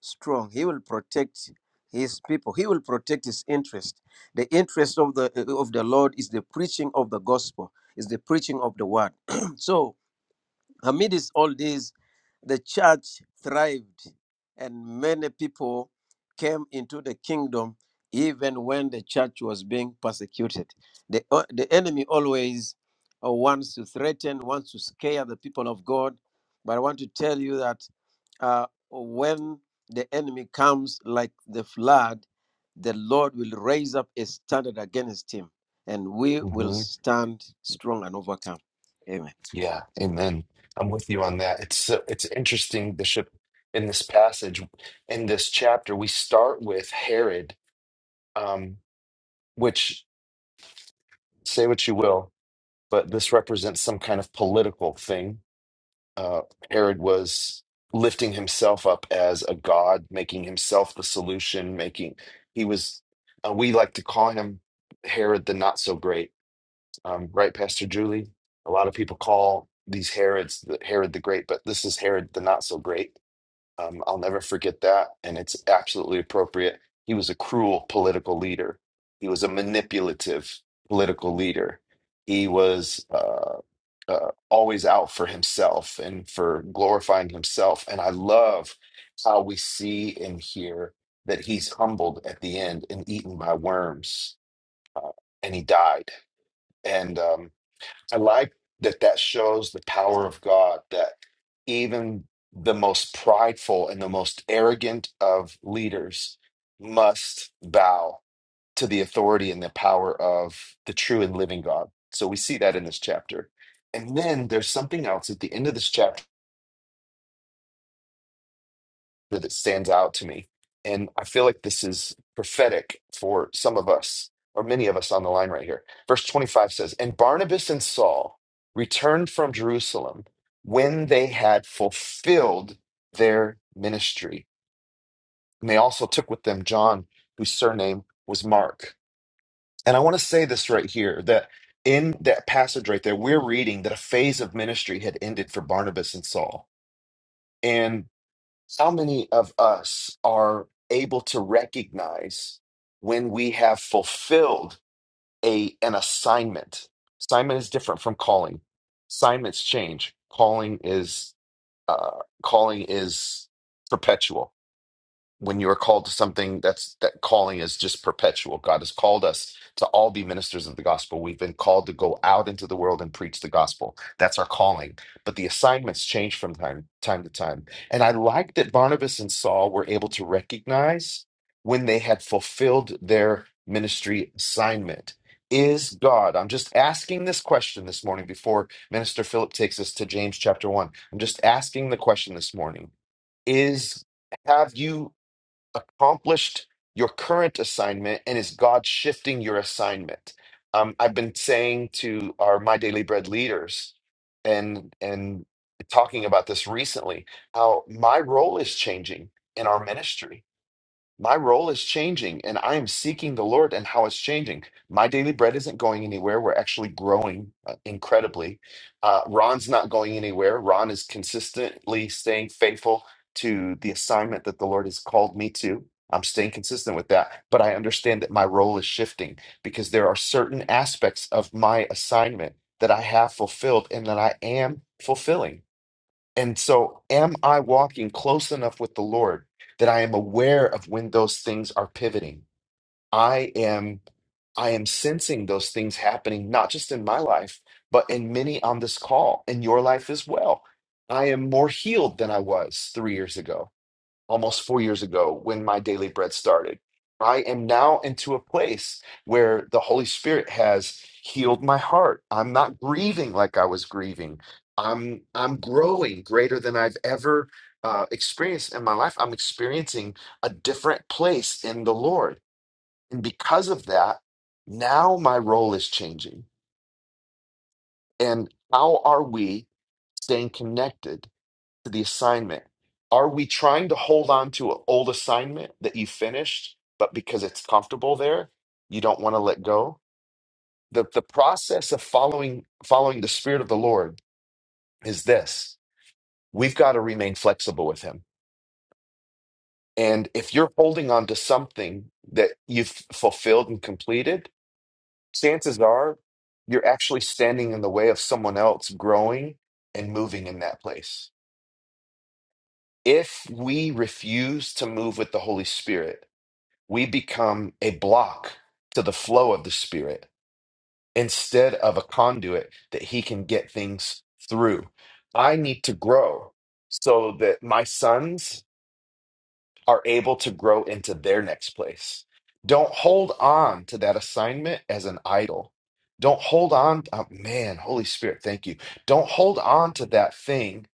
Speaker 2: strong. He will protect his people. He will protect his interest. The interest of the of the Lord is the preaching of the gospel, is the preaching of the word. [clears throat] so Amidst all this, the church thrived and many people came into the kingdom even when the church was being persecuted. The, uh, the enemy always uh, wants to threaten, wants to scare the people of God. But I want to tell you that uh, when the enemy comes like the flood, the Lord will raise up a standard against him, and we will
Speaker 1: hmm
Speaker 2: stand strong and overcome. Amen.
Speaker 1: Yeah, amen. I'm with you on that. It's so, it's interesting, Bishop, in this passage, in this chapter, we start with Herod, um, which say what you will, but this represents some kind of political thing. Uh, Herod was lifting himself up as a god, making himself the solution, making he was. Uh, we like to call him Herod the not so great um, right, Pastor Julie? A lot of people call these Herods the Herod the Great, but this is Herod the Not So Great. Um, I'll never forget that, and it's absolutely appropriate. He was a cruel political leader. He was a manipulative political leader. He was uh, uh, always out for himself and for glorifying himself. And I love how we see and hear that he's humbled at the end and eaten by worms, uh, and he died. And um, I like that that shows the power of God that even the most prideful and the most arrogant of leaders must bow to the authority and the power of the true and living God. So we see that in this chapter. And then there's something else at the end of this chapter that stands out to me. And I feel like this is prophetic for some of us, or many of us on the line right here. Verse 25 says, And Barnabas and Saul returned from Jerusalem when they had fulfilled their ministry. And they also took with them John, whose surname was Mark. And I want to say this right here that in that passage right there, we're reading that a phase of ministry had ended for Barnabas and Saul. How many of us are able to recognize when we have fulfilled a an assignment? Assignment is different from calling. Assignments change. Calling is uh, calling is perpetual when you are called to something that's that calling is just perpetual god has called us to all be ministers of the gospel we've been called to go out into the world and preach the gospel that's our calling but the assignments change from time time to time and i like that barnabas and saul were able to recognize when they had fulfilled their ministry assignment is god i'm just asking this question this morning before minister philip takes us to james chapter 1 i'm just asking the question this morning is have you accomplished your current assignment and is God shifting your assignment? Um, I've been saying to our My Daily Bread leaders and and talking about this recently, how my role is changing in our ministry my role is changing and I am seeking the Lord and how it's changing. My daily bread isn't going anywhere. We're actually growing uh, incredibly. Uh, Ron's not going anywhere. Ron is consistently staying faithful to the assignment that the Lord has called me to. I'm staying consistent with that, but I understand that my role is shifting because there are certain aspects of my assignment that I have fulfilled and that I am fulfilling. And so, am I walking close enough with the Lord that I am aware of when those things are pivoting? I am I am sensing those things happening not just in my life, but in many on this call, in your life as well. I am more healed than I was 3 years ago almost four years ago when my daily bread started. I am now into a place where the Holy Spirit has healed my heart. I'm not grieving like I was grieving. I'm I'm growing greater than I've ever uh, experienced in my life. I'm experiencing a different place in the Lord, and because of that, now my role is changing. And how are we staying connected? to the assignment. Are we trying to hold on to an old assignment that you finished, but because it's comfortable there, you don't want to let go? The the process of following following the Spirit of the Lord is this. We've got to remain flexible with him. And if you're holding on to something that you've fulfilled and completed, chances are you're actually standing in the way of someone else growing and moving in that place. If we refuse to move with the Holy Spirit, we become a block to the flow of the Spirit instead of a conduit that He can get things through. I need to grow so that my sons are able to grow into their next place. Don't hold on to that assignment as an idol. Don't hold on, oh, man, Holy Spirit, thank you. Don't hold on to that thing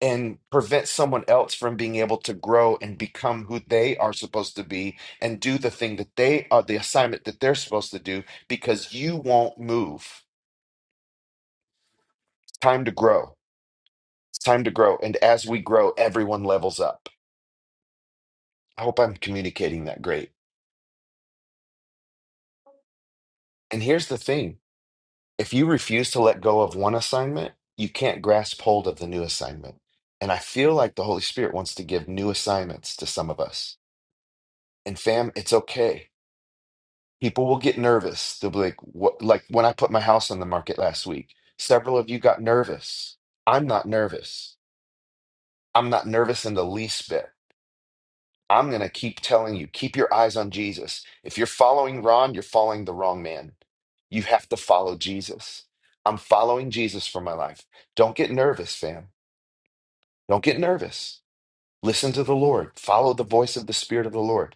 Speaker 1: and prevent someone else from being able to grow and become who they are supposed to be and do the thing that they are the assignment that they're supposed to do because you won't move. It's time to grow. It's time to grow. And as we grow, everyone levels up. I hope I'm communicating that great. And here's the thing if you refuse to let go of one assignment, you can't grasp hold of the new assignment. And I feel like the Holy Spirit wants to give new assignments to some of us. And fam, it's okay. People will get nervous. They'll be like, what? Like when I put my house on the market last week, several of you got nervous. I'm not nervous. I'm not nervous in the least bit. I'm going to keep telling you, keep your eyes on Jesus. If you're following Ron, you're following the wrong man. You have to follow Jesus. I'm following Jesus for my life. Don't get nervous, fam. Don't get nervous. Listen to the Lord. Follow the voice of the Spirit of the Lord.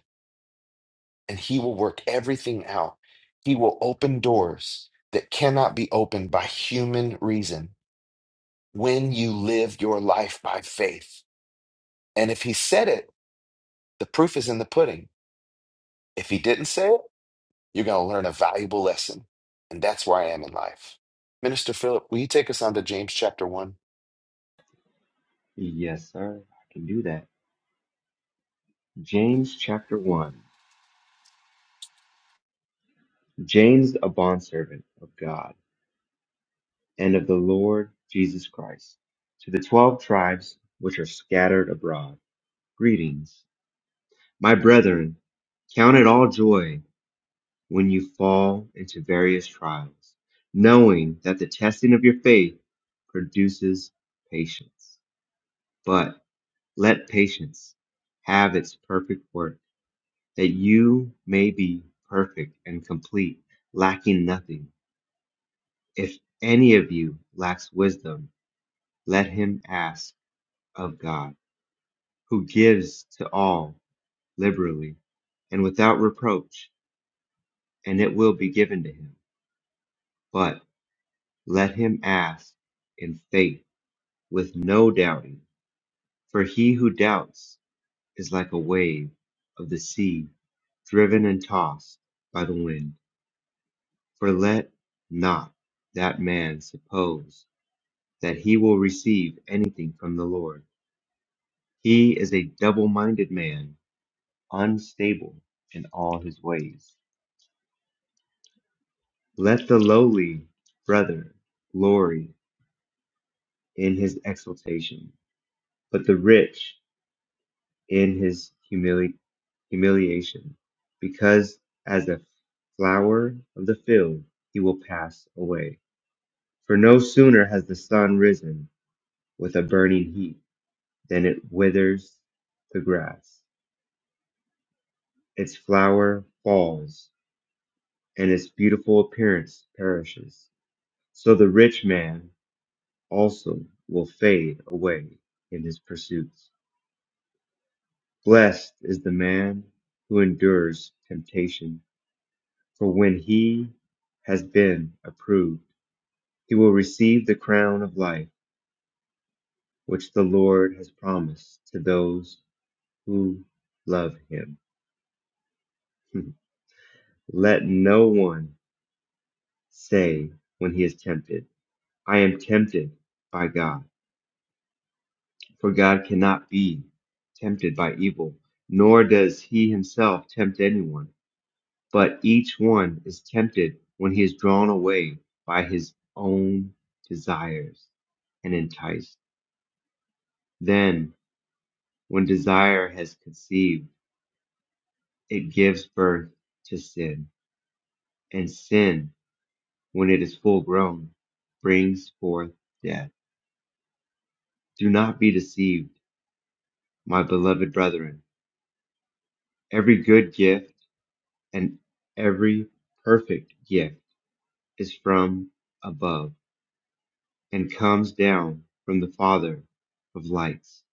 Speaker 1: and he will work everything out. He will open doors that cannot be opened by human reason when you live your life by faith. And if he said it, the proof is in the pudding. If he didn't say it, you're going to learn a valuable lesson. And that's where I am in life. Minister Philip, will you take us on to James chapter 1?
Speaker 8: Yes, sir. I can do that. James chapter 1. James, a bondservant of God and of the Lord Jesus Christ, to the twelve tribes which are scattered abroad, greetings. My brethren, count it all joy when you fall into various trials, knowing that the testing of your faith produces patience. But let patience have its perfect work that you may be perfect and complete, lacking nothing. If any of you lacks wisdom, let him ask of God, who gives to all liberally and without reproach, and it will be given to him. But let him ask in faith with no doubting, for he who doubts is like a wave of the sea driven and tossed by the wind. For let not that man suppose that he will receive anything from the Lord. He is a double minded man, unstable in all his ways. Let the lowly brother glory in his exaltation, but the rich in his humili- humiliation, because as a flower of the field he will pass away. For no sooner has the sun risen with a burning heat Then it withers the grass. Its flower falls, and its beautiful appearance perishes. So the rich man also will fade away in his pursuits. Blessed is the man who endures temptation, for when he has been approved, he will receive the crown of life which the Lord has promised to those who love him. [laughs] Let no one Say when he is tempted, I am tempted by God. For God cannot be tempted by evil, nor does he himself tempt anyone. But each one is tempted when he is drawn away by his own desires and enticed. Then, when desire has conceived, it gives birth to sin. And sin, when it is full grown, brings forth death. Do not be deceived My beloved brethren, every good gift and every perfect gift is from above and comes down from the Father of lights,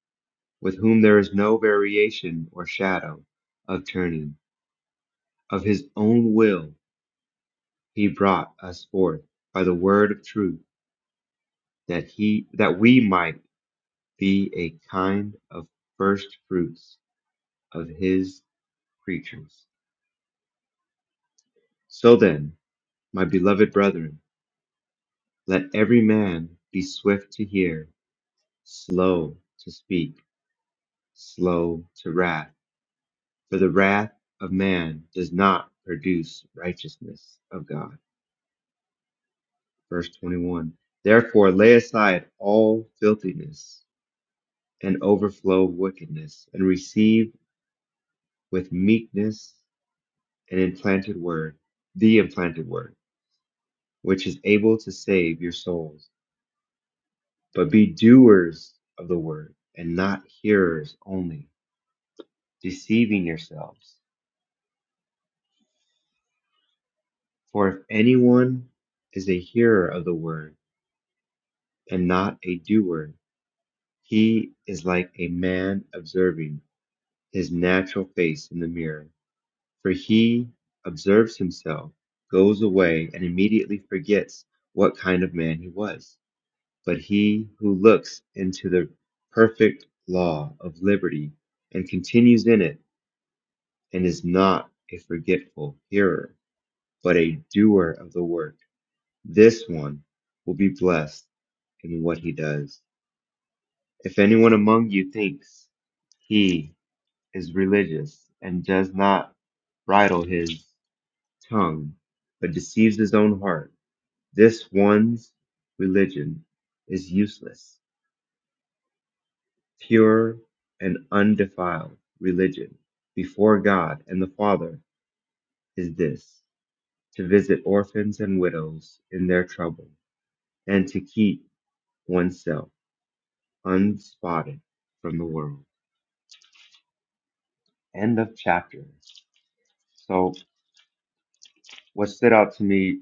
Speaker 8: with whom there is no variation or shadow of turning. Of his own will he brought us forth by the word of truth, that he that we might be a kind of first fruits of his creatures. So then, my beloved brethren, Let every man be swift to hear, slow to speak, slow to wrath. For the wrath of man does not produce righteousness of God. Verse 21. Therefore lay aside all filthiness and overflow of wickedness, and receive with meekness an implanted word, the implanted word, which is able to save your souls. But be doers of the word, and not hearers only deceiving yourselves. For if anyone is a hearer of the word and not a doer, he is like a man observing his natural face in the mirror. For he observes himself, goes away, and immediately forgets what kind of man he was. But he who looks into the perfect law of liberty and continues in it, and is not a forgetful hearer, but a doer of the work This one will be blessed in what he does. If anyone among you thinks he is religious and does not bridle his tongue, but deceives his own heart, this one's religion is useless. Pure and undefiled religion before God and the Father is this to visit orphans and widows in their trouble and to keep oneself unspotted from the world. End of chapter. So, what stood out to me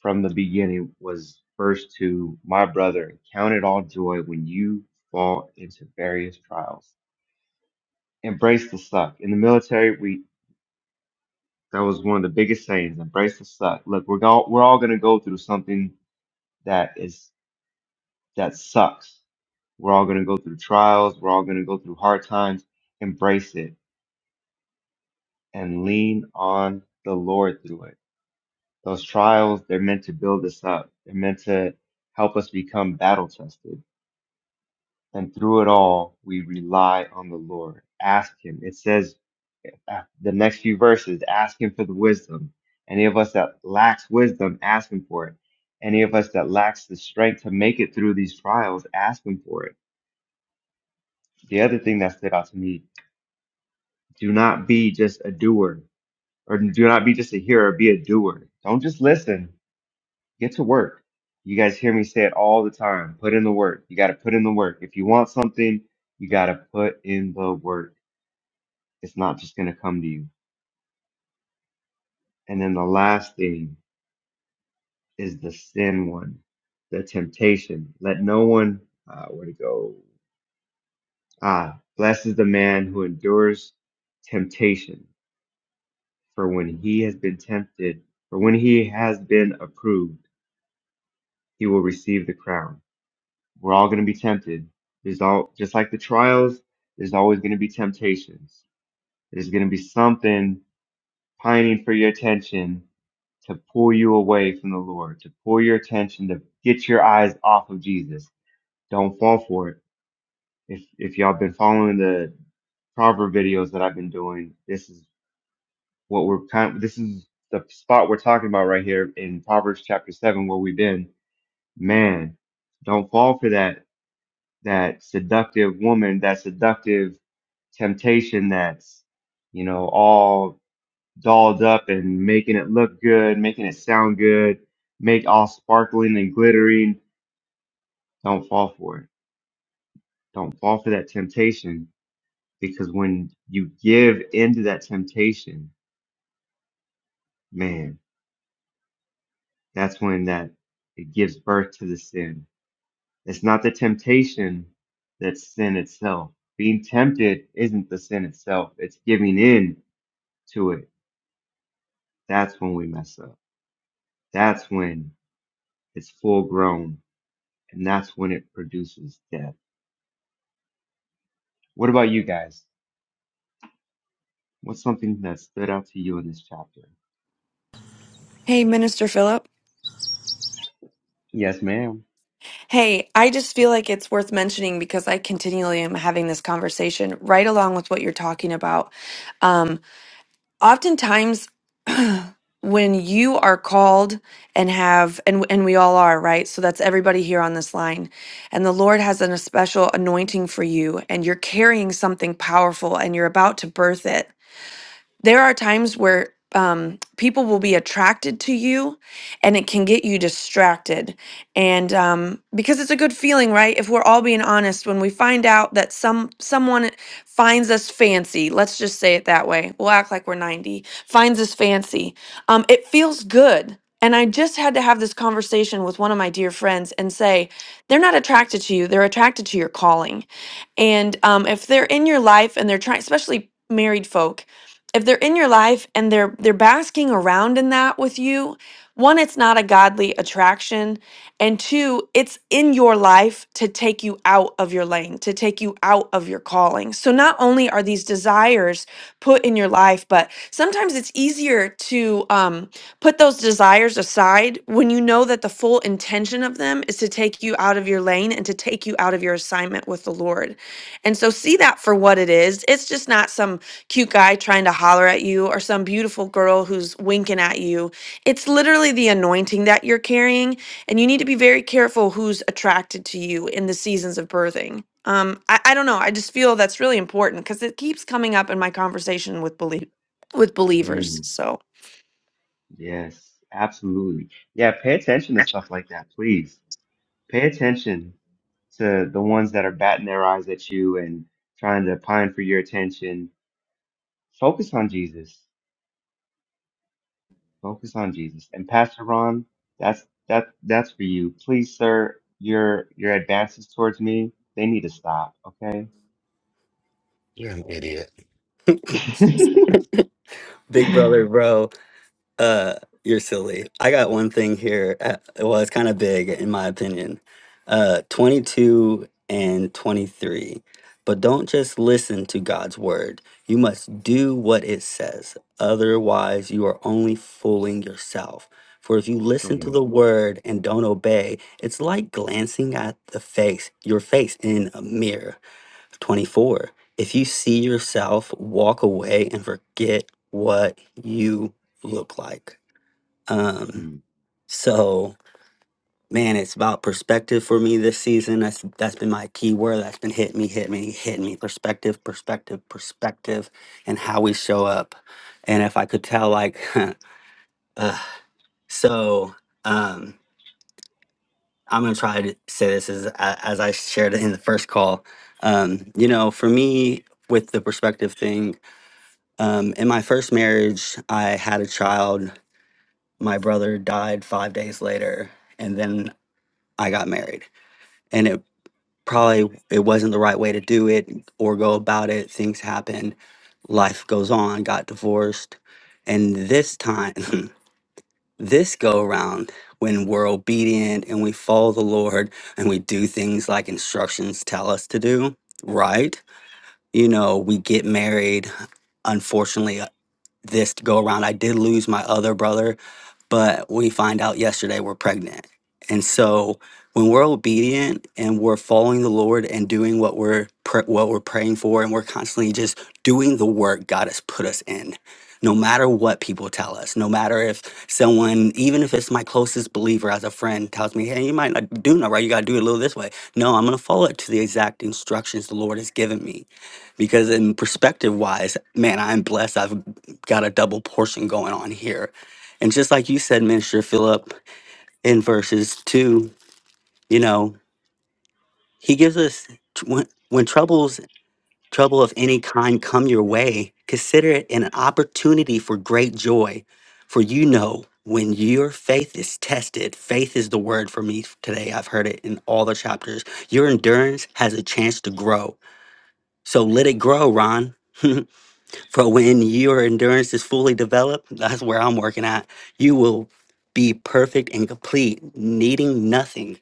Speaker 8: from the beginning was verse 2 My brother, count it all joy when you fall into various trials. Embrace the suck. In the military, we that was one of the biggest sayings embrace the suck. Look, we're, go- we're all going to go through something that is that sucks. We're all going to go through trials. We're all going to go through hard times. Embrace it and lean on the Lord through it Those trials, they're meant to build us up. They're meant to help us become battle tested. And through it all, we rely on the Lord. Ask Him. It says uh, the next few verses ask Him for the wisdom. Any of us that lacks wisdom, ask Him for it. Any of us that lacks the strength to make it through these trials, ask Him for it. The other thing that stood out to me do not be just a doer, or do not be just a hearer, be a doer. Don't just listen. Get to work. You guys hear me say it all the time. Put in the work. You got to put in the work. If you want something, you got to put in the work. It's not just going to come to you. And then the last thing is the sin one, the temptation. Let no one, uh, where to go? Ah, blessed is the man who endures temptation. For when he has been tempted, for when he has been approved, he will receive the crown We're all going to be tempted. There's all just like the trials. There's always going to be temptations. There's going to be something pining for your attention to pull you away from the Lord, to pull your attention to get your eyes off of Jesus. Don't fall for it. If if y'all been following the proverb videos that I've been doing, this is what we're kind. of, This is the spot we're talking about right here in Proverbs chapter seven, where we've been. Man, don't fall for that that seductive woman, that seductive temptation that's, you know, all dolled up and making it look good, making it sound good, make all sparkling and glittering. Don't fall for it. Don't fall for that temptation because when you give into that temptation, man, that's when that it gives birth to the sin. It's not the temptation that's sin itself. Being tempted isn't the sin itself. It's giving in to it That's when we mess up. That's when it's full grown and that's when it produces death. What about you guys? What's something that stood out to you in this chapter?
Speaker 9: Hey, Minister Philip.
Speaker 8: Yes, ma'am.
Speaker 9: Hey, I just feel like it's worth mentioning because I continually am having this conversation right along with what you're talking about. Um, oftentimes, [clears throat] when you are called and have, and, and we all are, right? So that's everybody here on this line. And the Lord has an, a special anointing for you, and you're carrying something powerful and you're about to birth it. there are times where um, people will be attracted to you and it can get you distracted. And um, because it's a good feeling, right? If we're all being honest, when we find out that some someone finds us fancy, let's just say it that way. We'll act like we're 90, finds us fancy. Um, it feels good. And I just had to have this conversation with one of my dear friends and say, they're not attracted to you, they're attracted to your calling. And um, if they're in your life and they're trying, especially married folk, if they're in your life and they're they're basking around in that with you one it's not a godly attraction and two it's in your life to take you out of your lane to take you out of your calling so not only are these desires put in your life but sometimes it's easier to um, put those desires aside when you know that the full intention of them is to take you out of your lane and to take you out of your assignment with the lord and so see that for what it is it's just not some cute guy trying to holler at you or some beautiful girl who's winking at you. It's literally the anointing that you're carrying, and you need to be very careful who's attracted to you in the seasons of birthing. Um, I, I don't know. I just feel that's really important because it keeps coming up in my conversation with belie- with believers.
Speaker 8: Mm,
Speaker 9: So
Speaker 8: yes, absolutely. Yeah, pay attention to stuff like that, please. Pay attention to the ones that are batting their eyes at you and trying to pine for your attention. Focus on Jesus. Focus on Jesus. And Pastor Ron, that's that that's for you. Please, sir, your your advances towards me, they need to stop, okay?
Speaker 1: You're an idiot.
Speaker 8: [laughs]
Speaker 1: Hmm.
Speaker 3: [laughs] big brother, bro. Uh, you're silly. I got one thing here. uh, Well, it's kind of big in my opinion. Uh, 22 and 23. But don't just listen to God's word. You must do what it says. Otherwise, you are only fooling yourself. For if you listen
Speaker 8: Come
Speaker 3: to
Speaker 8: on.
Speaker 3: the word and don't obey, it's like glancing at the face, your face in a mirror. 24. If you see yourself, walk away and forget what you look like. Um,
Speaker 8: Hmm.
Speaker 3: so man, it's about perspective for me this season. That's that's been my key word. That's been hit me, hit me, hit me. Perspective, perspective, perspective, and how we show up. And if I could tell, like, [laughs] uh, so um, I'm gonna try to say this as a- as I shared in the first call. Um, you know, for me with the perspective thing, um, in my first marriage, I had a child. My brother died five days later, and then I got married and it probably it wasn't the right way to do it or go about it things happen life goes on got divorced and this time [laughs] this go around when we're obedient and we follow the lord and we do things like instructions tell us to do right you know we get married unfortunately uh, this go around i did lose my other brother but we find out yesterday we're pregnant. And so when we're obedient and we're following the Lord and doing what we're pr- what we're praying for and we're constantly just doing the work God has put us in. No matter what people tell us, no matter if someone, even if it's my closest believer as a friend, tells me, hey, you might not do that right. You got to do it a little this way. No, I'm going to follow it to the exact instructions the Lord has given me. Because, in perspective wise, man, I'm blessed. I've got a double portion going on here and just like you said, Minister Philip, in verses two, you know, he gives us tr- when, when troubles, trouble of any kind come your way, consider it an opportunity for great joy. For you know, when your faith is tested, faith is the word for me today. I've heard it in all the chapters. Your endurance has a chance to grow. So let it grow, Ron. [laughs] For when your endurance is fully developed, that's where I'm working at, you will be perfect and complete, needing nothing.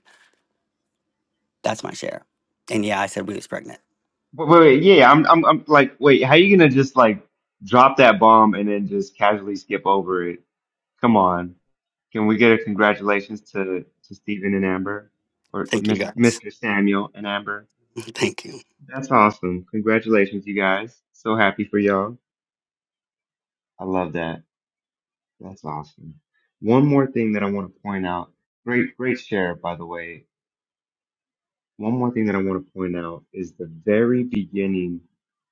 Speaker 3: That's my share. And yeah, I said we was pregnant.
Speaker 8: Wait, wait, wait, yeah, I'm I'm I'm like, wait, how you gonna just like drop that bomb and then just casually skip over it? Come on. Can we get a congratulations to to Stephen and Amber or
Speaker 3: Thank you
Speaker 8: Miss,
Speaker 3: guys.
Speaker 8: Mr. Samuel and Amber?
Speaker 3: [laughs] Thank you.
Speaker 8: That's awesome. Congratulations, you guys. So happy for y'all. I love that. That's awesome. One more thing that I want to point out. Great, great share, by the way. One more thing that I want to point out is the very beginning,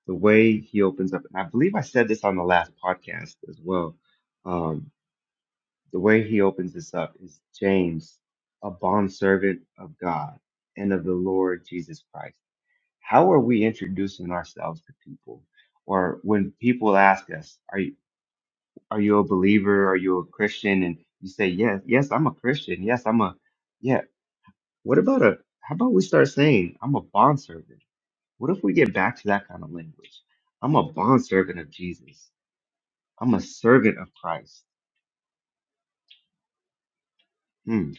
Speaker 8: the way he opens up. And I believe I said this on the last podcast as well. Um, the way he opens this up is James, a bondservant of God and of the Lord Jesus Christ. How are we introducing ourselves to people? Or when people ask us, are are you a believer? Are you a Christian? And you say, yes, yes, I'm a Christian. Yes, I'm a, yeah. What about a, how about we start saying, I'm a bondservant? What if we get back to that kind of language? I'm a bondservant of Jesus. I'm a servant of Christ. Hmm,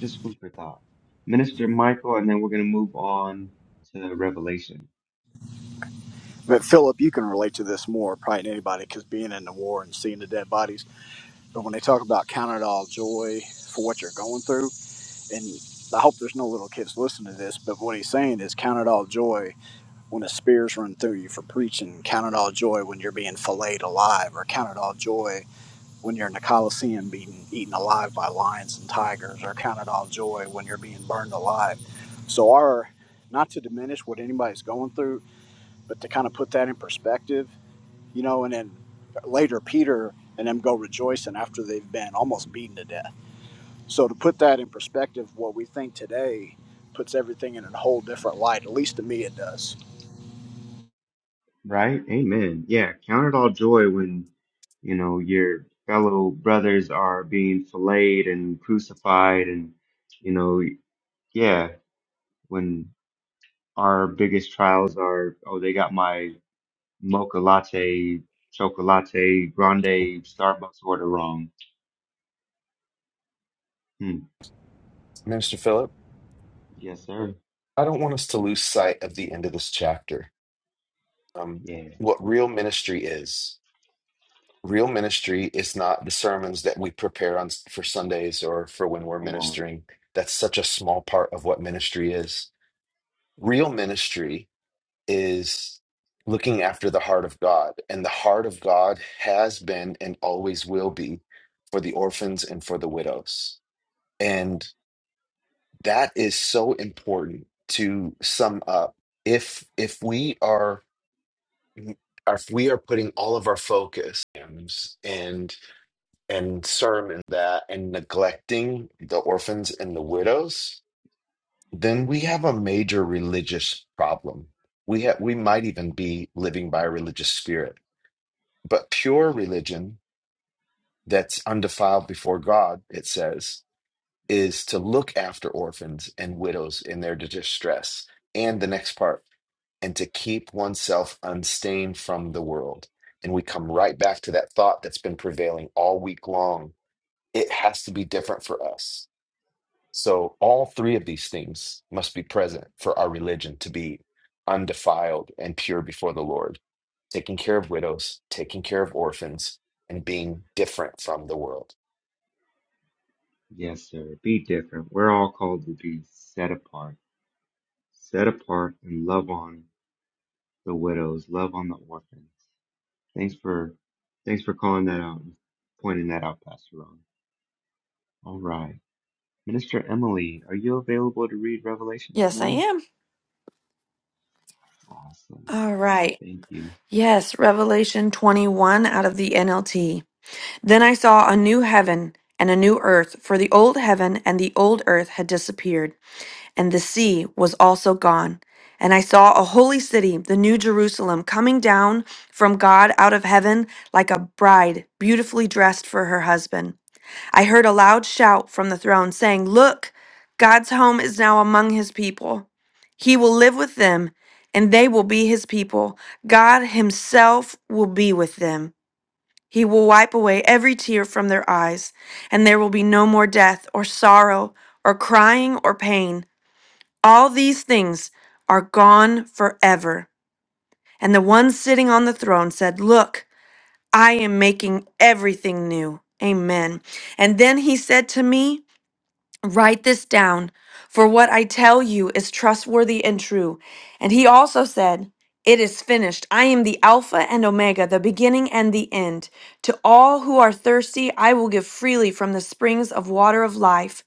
Speaker 8: just food for thought. Minister Michael, and then we're going to move on to Revelation,
Speaker 6: but philip you can relate to this more probably than anybody because being in the war and seeing the dead bodies but when they talk about count it all joy for what you're going through and I hope there's no little kids listening to this, but what he's saying is count it all joy when a spear's run through you for preaching. Count it all joy when you're being filleted alive, or count it all joy when you're in the Coliseum being eaten alive by lions and tigers, or count it all joy when you're being burned alive. So, our not to diminish what anybody's going through, but to kind of put that in perspective, you know, and then later Peter and them go rejoicing after they've been almost beaten to death so to put that in perspective, what we think today puts everything in a whole different light. At least to me, it does.
Speaker 8: right? Amen. Yeah, count it all joy when, you know, your fellow brothers are being filleted and crucified and you know. Yeah, when our biggest trials are, oh, they got my mocha latte, chocolate grande Starbucks order wrong. Hmm.
Speaker 1: Minister Philip,
Speaker 8: Yes, sir.
Speaker 1: I don't want us to lose sight of the end of this chapter. Um,
Speaker 8: Yeah,
Speaker 1: what real ministry is. Real ministry is not the sermons that we prepare on for Sundays or for when we're
Speaker 8: come on.
Speaker 1: ministering. That's such a small part of what ministry is. Real ministry is looking after the heart of God, and the heart of God has been and always will be for the orphans and for the widows. And that is so important to sum up. If if we are if we are putting all of our focus and and sermon that and neglecting the orphans and the widows, then we have a major religious problem. We ha- we might even be living by a religious spirit. But pure religion that's undefiled before God, it says, is to look after orphans and widows in their distress. And the next part, and to keep oneself unstained from the world. And we come right back to that thought that's been prevailing all week long. It has to be different for us So all three of these things must be present for our religion to be undefiled and pure before the Lord, taking care of widows, taking care of orphans, and being different from the world.
Speaker 8: Yes, sir. Be different. We're all called to be set apart. Set apart and love on the widows, love on the orphans. Thanks for thanks for calling that out and pointing that out, Pastor Ron. All right. Minister Emily, are you available to read Revelation this
Speaker 9: yes, I
Speaker 8: morning?
Speaker 9: am.
Speaker 8: Awesome.
Speaker 9: All right.
Speaker 8: Thank you.
Speaker 9: Yes, Revelation 21 out of the NLT. Then I saw a new heaven and a new earth, for the old heaven and the old earth had disappeared, and the sea was also gone. And I saw a holy city, the new Jerusalem, coming down from God out of heaven like a bride beautifully dressed for her husband. I heard a loud shout from the throne saying, Look, God's home is now among his people. He will live with them, and they will be his people. God himself will be with them. He will wipe away every tear from their eyes, and there will be no more death, or sorrow, or crying, or pain. All these things are gone forever. And the one sitting on the throne said, Look, I am making everything new. Amen. And then he said to me, Write this down, for what I tell you is trustworthy and true. And he also said, It is finished. I am the Alpha and Omega, the beginning and the end. To all who are thirsty, I will give freely from the springs of water of life.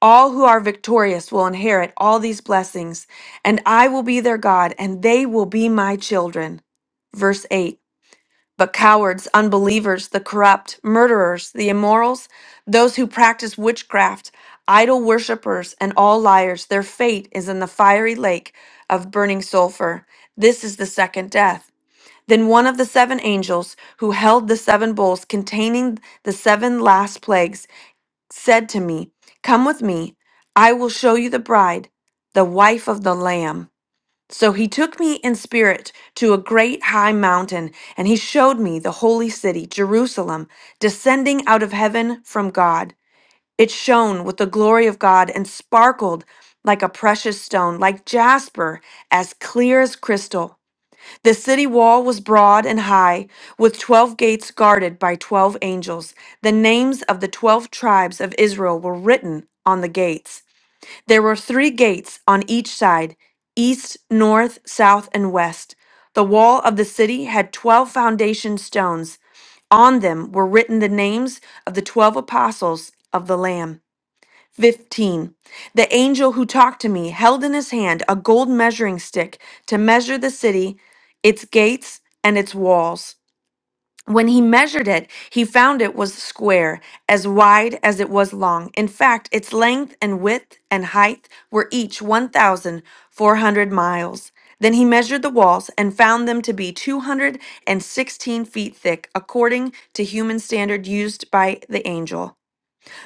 Speaker 9: All who are victorious will inherit all these blessings, and I will be their God, and they will be my children. Verse 8. But cowards, unbelievers, the corrupt, murderers, the immorals, those who practice witchcraft, idol worshippers, and all liars, their fate is in the fiery lake of burning sulfur. This is the second death. Then one of the seven angels who held the seven bowls containing the seven last plagues said to me, Come with me, I will show you the bride, the wife of the Lamb. So he took me in spirit to a great high mountain, and he showed me the holy city, Jerusalem, descending out of heaven from God. It shone with the glory of God and sparkled like a precious stone, like jasper, as clear as crystal. The city wall was broad and high, with 12 gates guarded by 12 angels. The names of the 12 tribes of Israel were written on the gates. There were three gates on each side east, north, south, and west. The wall of the city had 12 foundation stones. On them were written the names of the 12 apostles of the Lamb. 15. The angel who talked to me held in his hand a gold measuring stick to measure the city, its gates, and its walls. When he measured it, he found it was square, as wide as it was long. In fact, its length and width and height were each 1,400 miles. Then he measured the walls and found them to be 216 feet thick, according to human standard used by the angel.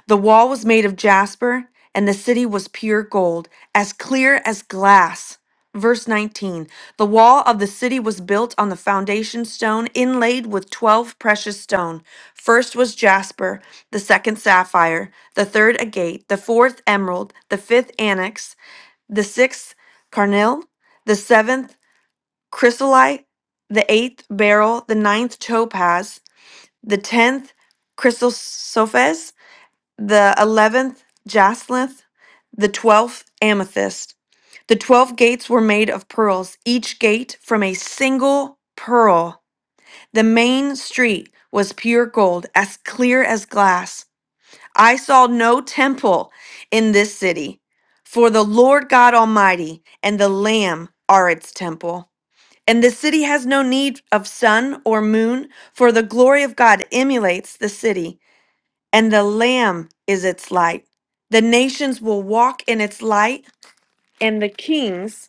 Speaker 9: The wall was made of jasper, and the city was pure gold, as clear as glass. Verse 19 The wall of the city was built on the foundation stone inlaid with 12 precious stone. First was jasper, the second sapphire, the third agate, the fourth emerald, the fifth annex, the sixth carnel, the seventh chrysolite, the eighth beryl, the ninth topaz, the tenth chrysosophes, the eleventh jacinth, the twelfth amethyst. The twelve gates were made of pearls, each gate from a single pearl. The main street was pure gold, as clear as glass. I saw no temple in this city, for the Lord God Almighty and the Lamb are its temple. And the city has no need of sun or moon, for the glory of God emulates the city and the Lamb is its light. The nations will walk in its light, and the kings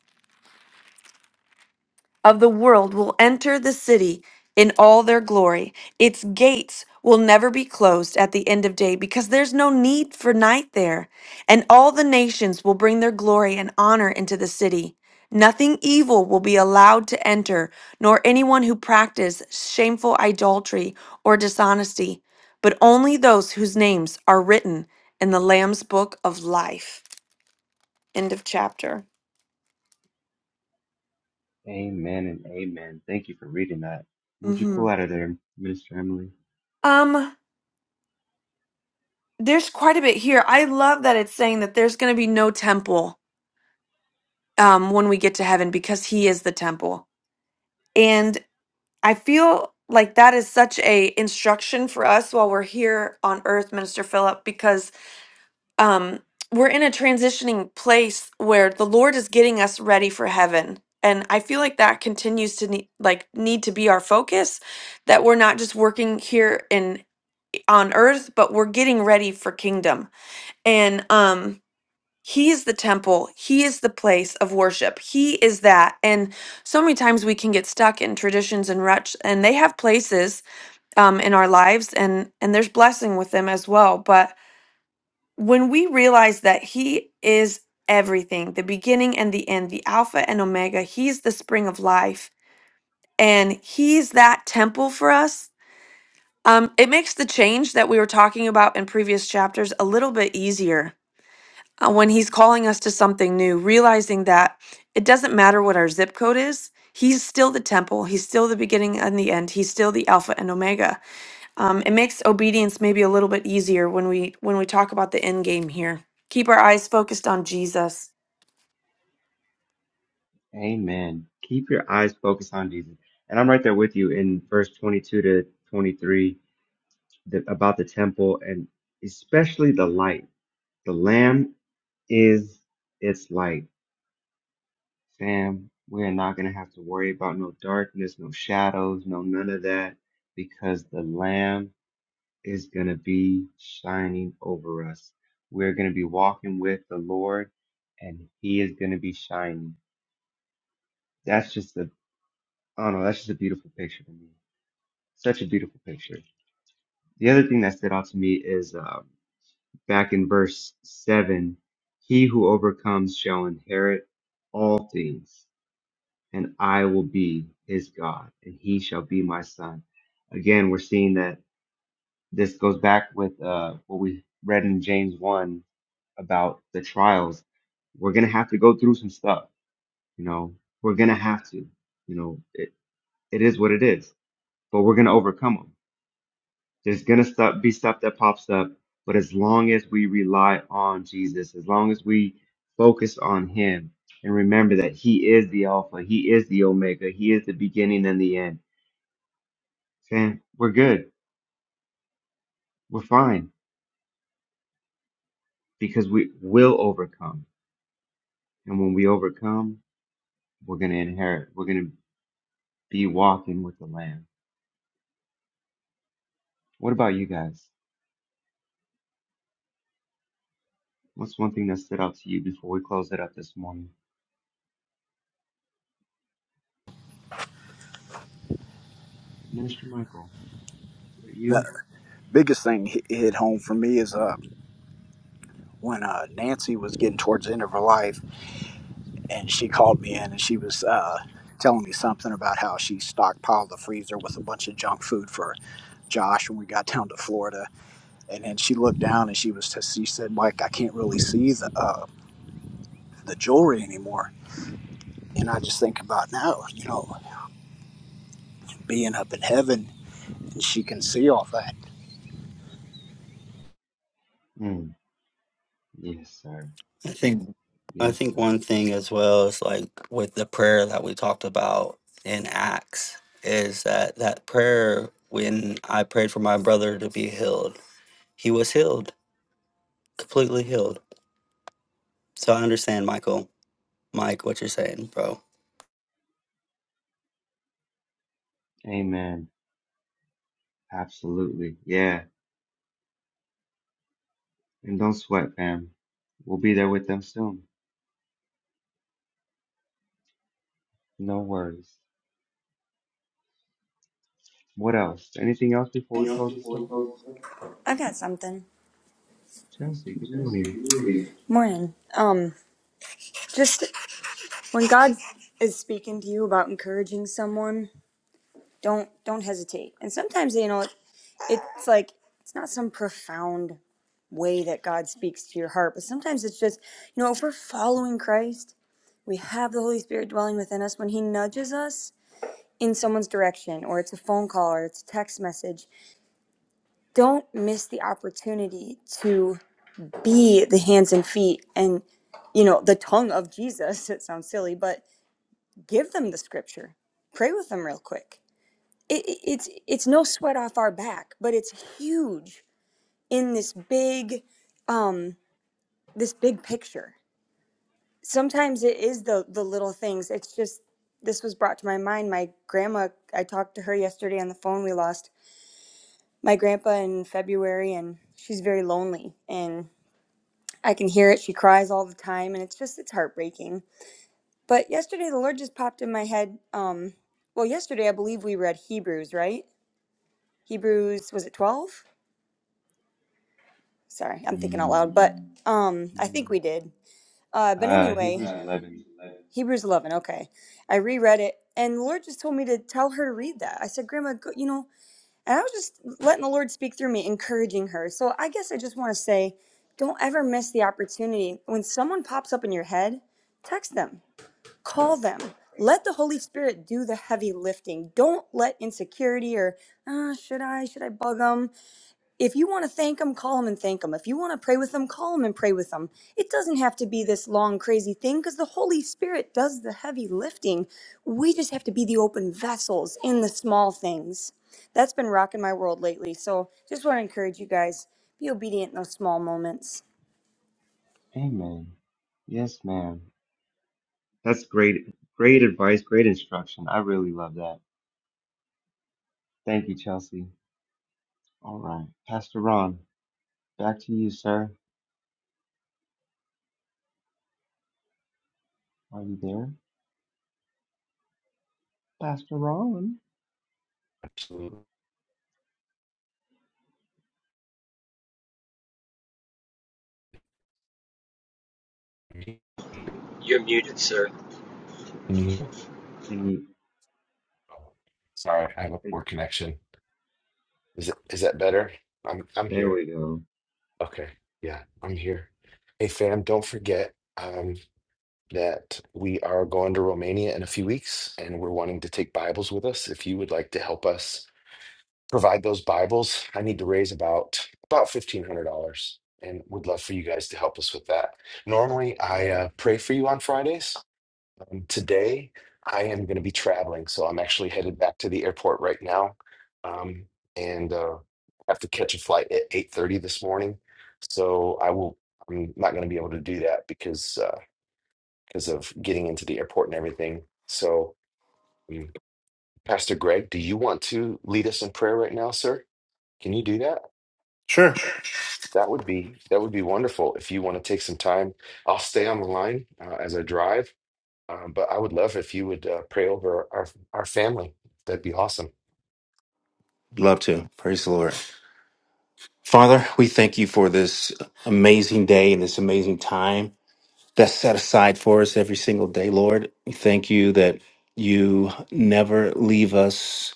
Speaker 9: of the world will enter the city in all their glory. Its gates will never be closed at the end of day because there's no need for night there. And all the nations will bring their glory and honor into the city. Nothing evil will be allowed to enter, nor anyone who practices shameful idolatry or dishonesty, but only those whose names are written in the Lamb's book of life. End of chapter.
Speaker 8: Amen and amen. Thank you for reading that. Would you
Speaker 9: hmm
Speaker 8: pull out of there, Minister Emily?
Speaker 9: Um There's quite a bit here. I love that it's saying that there's going to be no temple um, when we get to heaven because He is the temple, and I feel like that is such a instruction for us while we're here on earth, Minister Philip, because um, we're in a transitioning place where the Lord is getting us ready for heaven, and I feel like that continues to need, like need to be our focus, that we're not just working here in on earth, but we're getting ready for kingdom, and um He is the temple. He is the place of worship. He is that. And so many times we can get stuck in traditions and ruts, and they have places um, in our lives, and and there's blessing with them as well. But when we realize that He is everything, the beginning and the end, the Alpha and Omega, He's the spring of life, and He's that temple for us. Um, it makes the change that we were talking about in previous chapters a little bit easier uh, when he's calling us to something new, realizing that it doesn't matter what our zip code is. He's still the temple. He's still the beginning and the end. He's still the Alpha and Omega. Um, it makes obedience maybe a little bit easier when we when we talk about the end game here. Keep our eyes focused on Jesus.
Speaker 8: Amen. Keep your eyes focused on Jesus. And I'm right there with you in verse 22 to 23 the, about the temple and especially the light. The Lamb is its light. Fam, we are not going to have to worry about no darkness, no shadows, no none of that because the Lamb is going to be shining over us. We're going to be walking with the Lord and he is going to be shining. That's just a, I don't know, that's just a beautiful picture to me. Such a beautiful picture. The other thing that stood out to me is uh, back in verse 7 He who overcomes shall inherit all things, and I will be his God, and he shall be my son. Again, we're seeing that this goes back with uh, what we read in James 1 about the trials, we're gonna have to go through some stuff. You know, we're gonna have to. You know, it, it is what it is, but we're gonna overcome them. There's gonna stuff, be stuff that pops up, but as long as we rely on Jesus, as long as we focus on Him and remember that He is the Alpha, He is the Omega, He is the beginning and the end, then we're good. We're fine because we will overcome. And when we overcome, we're gonna inherit. We're gonna be walking with the Lamb. What about you guys? What's one thing that stood out to you before we close it up this morning? Minister Michael, is it
Speaker 6: The
Speaker 8: you?
Speaker 6: biggest thing hit hit home for me is uh, when uh, Nancy was getting towards the end of her life, and she called me in, and she was uh, telling me something about how she stockpiled the freezer with a bunch of junk food for Josh when we got down to Florida, and then she looked down and she was she said, "Mike, I can't really see the uh, the jewelry anymore." And I just think about now, you know, being up in heaven and she can see all that.
Speaker 8: Mm, yes, sir.
Speaker 3: I think I
Speaker 8: Yes,
Speaker 3: think
Speaker 8: sir.
Speaker 3: one thing as well is like with the prayer that we talked about in Acts is that that prayer when I prayed for my brother to be healed, he was healed, completely healed. So I understand, Michael, Mike, what you're saying, bro.
Speaker 8: Amen. Absolutely. Yeah. And don't sweat, fam. We'll be there with them soon. No worries. What else? Anything else before we close this up?
Speaker 10: I've got something.
Speaker 8: Chelsea, good morning.
Speaker 10: Morning. Um, just when God is speaking to you about encouraging someone, don't don't hesitate. And sometimes you know it's like it's not some profound way that God speaks to your heart, but sometimes it's just you know if we're following Christ, we have the Holy Spirit dwelling within us. When He nudges us in someone's direction, or it's a phone call, or it's a text message, don't miss the opportunity to be the hands and feet and you know the tongue of jesus [laughs] it sounds silly but give them the scripture pray with them real quick it, it- it's it's no sweat off our back but it's huge in this big um this big picture sometimes it is the the little things it's just this was brought to my mind my grandma i talked to her yesterday on the phone we lost my grandpa in february and she's very lonely and i can hear it she cries all the time and it's just it's heartbreaking But yesterday, the Lord just popped in my head. Um, well, yesterday, I believe we read Hebrews, right? Hebrews, was it 12? Sorry, I'm thinking out
Speaker 8: Mm,
Speaker 10: loud, but um, I
Speaker 8: mm.
Speaker 10: think we did. Uh, but
Speaker 8: Uh,
Speaker 10: anyway,
Speaker 8: Hebrews
Speaker 10: Uh,
Speaker 8: 11.
Speaker 10: Hebrews 11, Hebrews eleven, okay. I reread it, and the Lord just told me to tell her to read that. I said, Grandma, go, you know, and I was just letting the Lord speak through me, encouraging her. So I guess I just want to say don't ever miss the opportunity. When someone pops up in your head, text them call them let the holy spirit do the heavy lifting don't let insecurity or ah, should i should i bug them if you want to thank them call them and thank them if you want to pray with them call them and pray with them it doesn't have to be this long crazy thing because the holy spirit does the heavy lifting we just have to be the open vessels in the small things that's been rocking my world lately so just want to encourage you guys be obedient in those small moments
Speaker 8: Amen. Yes, ma'am. That's great. Great advice. Great instruction. I really love that. Thank you, Chelsea. All right. Pastor Ron, back to you, sir. Are you there? Pastor Ron?
Speaker 1: [laughs] Absolutely. Can
Speaker 4: You're muted, sir.
Speaker 1: you-
Speaker 8: Can you?
Speaker 1: Sorry, I have a poor connection. Is it is that better? I'm I'm
Speaker 8: There
Speaker 1: here.
Speaker 8: we go.
Speaker 1: Okay. Yeah, I'm here. Hey fam, don't forget um that we are going to Romania in a few weeks and we're wanting to take Bibles with us. If you would like to help us provide those Bibles. I need to raise about about fifteen hundred dollars, and would love for you guys to help us with that. Normally, I uh, pray for you on Fridays. And today, I am going to be traveling, so I'm actually headed back to the airport right now, um, and uh, have to catch a flight at eight thirty this morning. So I will. I'm not going to be able to do that because uh, because of getting into the airport and everything. So, um, Pastor Greg, do you want to lead us in prayer right now, sir? Can you do that?
Speaker 11: Sure.
Speaker 1: That would be that would be wonderful if you want to take some time. I'll stay on the line uh, as I drive, um, but I would love if you would uh, pray over our our family. That'd be awesome.
Speaker 11: Love to. Praise the Lord. Father, we thank you for this amazing day and this amazing time that's set aside for us every single day, Lord. We thank you that you never leave us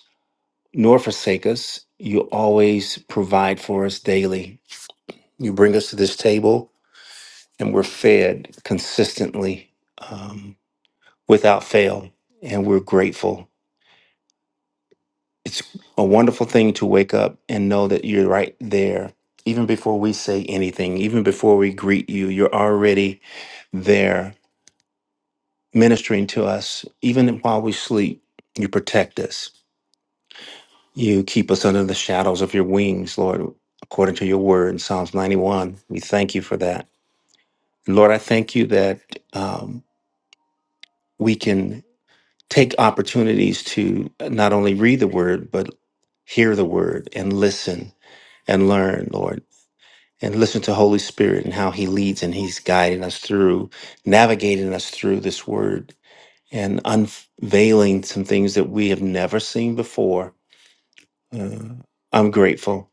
Speaker 11: nor forsake us. You always provide for us daily. You bring us to this table and we're fed consistently um, without fail. And we're grateful it's a wonderful thing to wake up and know that you're right there even before we say anything even before we greet you you're already there ministering to us even while we sleep you protect us you keep us under the shadows of your wings lord according to your word in psalms 91 we thank you for that lord i thank you that um, we can take opportunities to not only read the word but hear the word and listen and learn lord and listen to Holy Spirit and how He leads and He's guiding us through, navigating us through this Word and unveiling some things that we have never seen before. Uh, I'm grateful.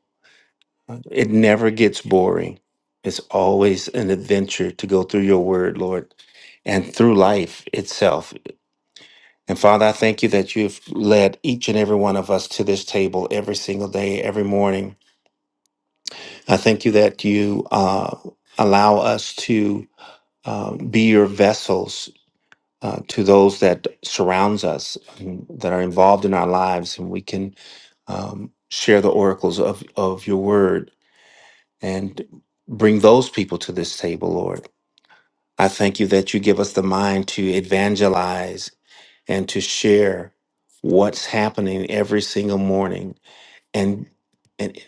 Speaker 11: It never gets boring. It's always an adventure to go through your Word, Lord, and through life itself. And Father, I thank you that you've led each and every one of us to this table every single day, every morning. I thank you that you uh, allow us to um, be your vessels uh, to those that surrounds us and that are involved in our lives and we can um, share the oracles of, of your word and bring those people to this table lord i thank you that you give us the mind to evangelize and to share what's happening every single morning and and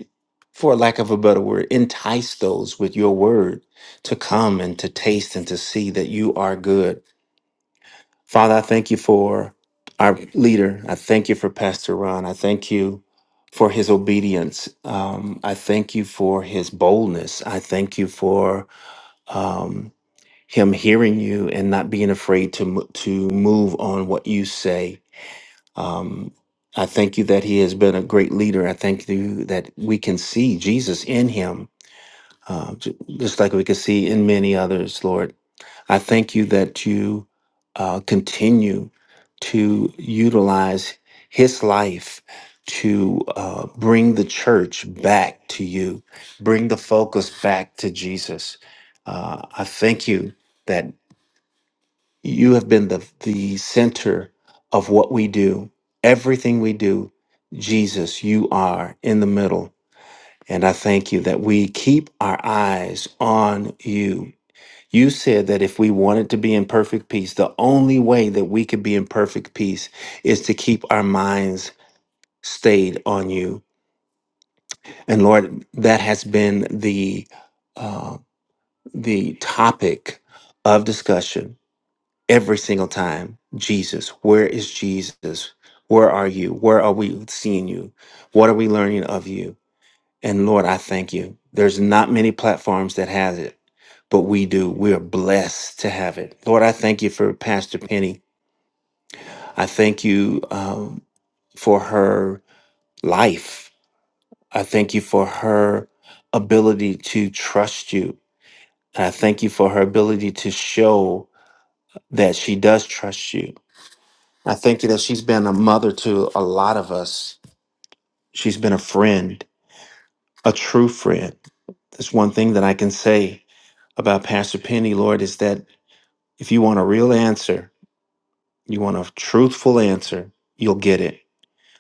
Speaker 11: for lack of a better word entice those with your word to come and to taste and to see that you are good Father, I thank you for our leader. I thank you for Pastor Ron. I thank you for his obedience. Um, I thank you for his boldness. I thank you for um, him hearing you and not being afraid to mo- to move on what you say. Um, I thank you that he has been a great leader. I thank you that we can see Jesus in him, uh, ju- just like we can see in many others, Lord. I thank you that you uh, continue to utilize his life to uh, bring the church back to you, bring the focus back to Jesus. Uh, I thank you that you have been the, the center of what we do, everything we do. Jesus, you are in the middle. And I thank you that we keep our eyes on you you said that if we wanted to be in perfect peace, the only way that we could be in perfect peace is to keep our minds stayed on you. And Lord, that has been the uh, the topic of discussion every single time. Jesus, where is Jesus? Where are you? Where are we seeing you? What are we learning of you? And Lord, I thank you. There's not many platforms that has it, but we do. We are blessed to have it. Lord, I thank you for Pastor Penny. I thank you um, for her life. I thank you for her ability to trust you. And I thank you for her ability to show that she does trust you. I thank you that she's been a mother to a lot of us. She's been a friend, a true friend. That's one thing that I can say about Pastor Penny, Lord, is that If you want a real answer, you want a truthful answer, you'll get it.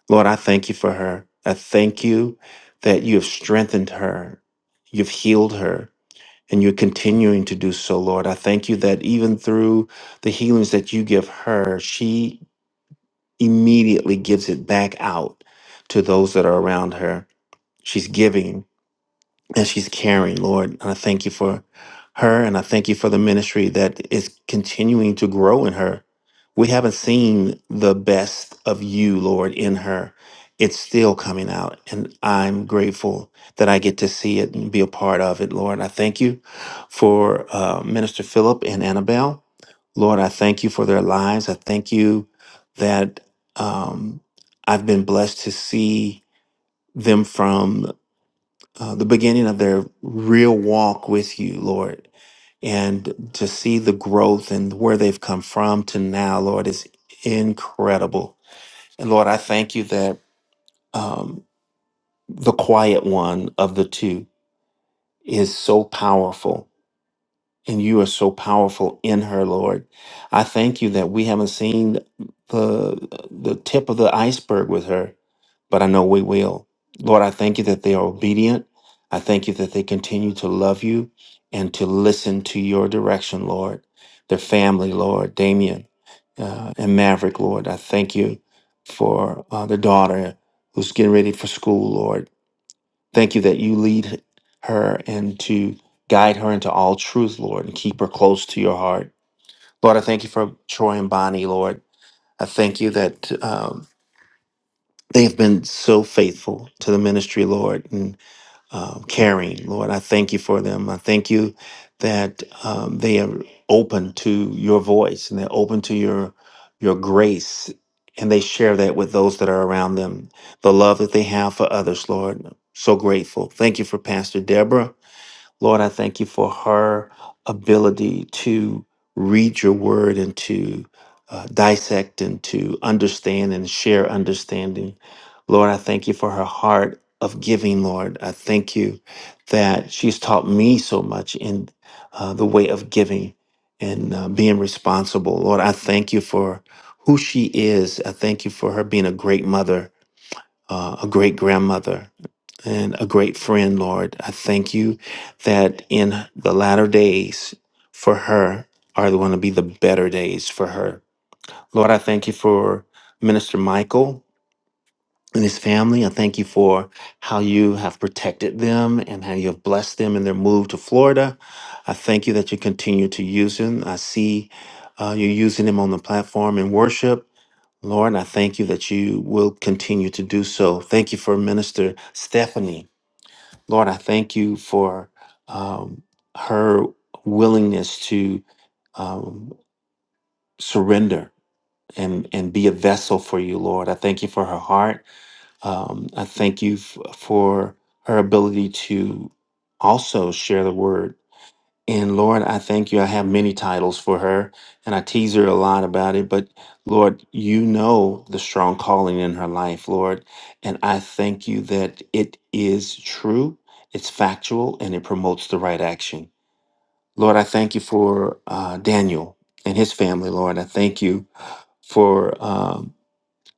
Speaker 11: Lord, I thank you for her. I thank you that you have strengthened her, you've healed her, and you're continuing to do so, Lord. I thank you that even through the healings that you give her, she immediately gives it back out to those that are around her. She's giving and she's caring, Lord. And I thank you for her, and I thank you for the ministry that is continuing to grow in her. We haven't seen the best of you, Lord, in her. It's still coming out, and I'm grateful that I get to see it and be a part of it, Lord. I thank you for uh, Minister Philip and Annabelle. Lord, I thank you for their lives. I thank you that um, I've been blessed to see them from uh, the beginning of their real walk with you, Lord, and to see the growth and where they've come from to now, Lord, is incredible. And Lord, I thank you that um, the quiet one of the two is so powerful and you are so powerful in her, Lord. I thank you that we haven't seen the the tip of the iceberg with her, but I know we will. Lord, I thank you that they are obedient. I thank you that they continue to love you and to listen to your direction, Lord. Their family, Lord, Damien uh, and Maverick, Lord. I thank you for uh, the daughter who's getting ready for school, Lord. Thank you that you lead her and to guide her into all truth, Lord, and keep her close to your heart. Lord, I thank you for Troy and Bonnie, Lord. I thank you that um, they have been so faithful to the ministry, Lord, and um, caring, Lord. I thank you for them. I thank you that um, they are open to your voice and they're open to your your grace, and they share that with those that are around them. The love that they have for others, Lord. So grateful. Thank you for Pastor Deborah. Lord, I thank you for her ability to read your word and to uh, dissect and to understand and share understanding. Lord, I thank you for her heart of giving, Lord. I thank you that she's taught me so much in uh, the way of giving and uh, being responsible. Lord, I thank you for who she is. I thank you for her being a great mother, uh, a great grandmother, and a great friend, Lord. I thank you that in the latter days for her are going to be the better days for her. Lord, I thank you for Minister Michael and his family. I thank you for how you have protected them and how you have blessed them in their move to Florida. I thank you that you continue to use him. I see uh, you using him on the platform in worship. Lord, I thank you that you will continue to do so. Thank you for Minister Stephanie. Lord, I thank you for um, her willingness to um, surrender and, and be a vessel for you, Lord. I thank you for her heart. Um, I thank you f- for her ability to also share the word and Lord, I thank you. I have many titles for her, and I tease her a lot about it. But Lord, you know the strong calling in her life, Lord. And I thank you that it is true, it's factual, and it promotes the right action. Lord, I thank you for uh, Daniel and his family, Lord. I thank you for, um,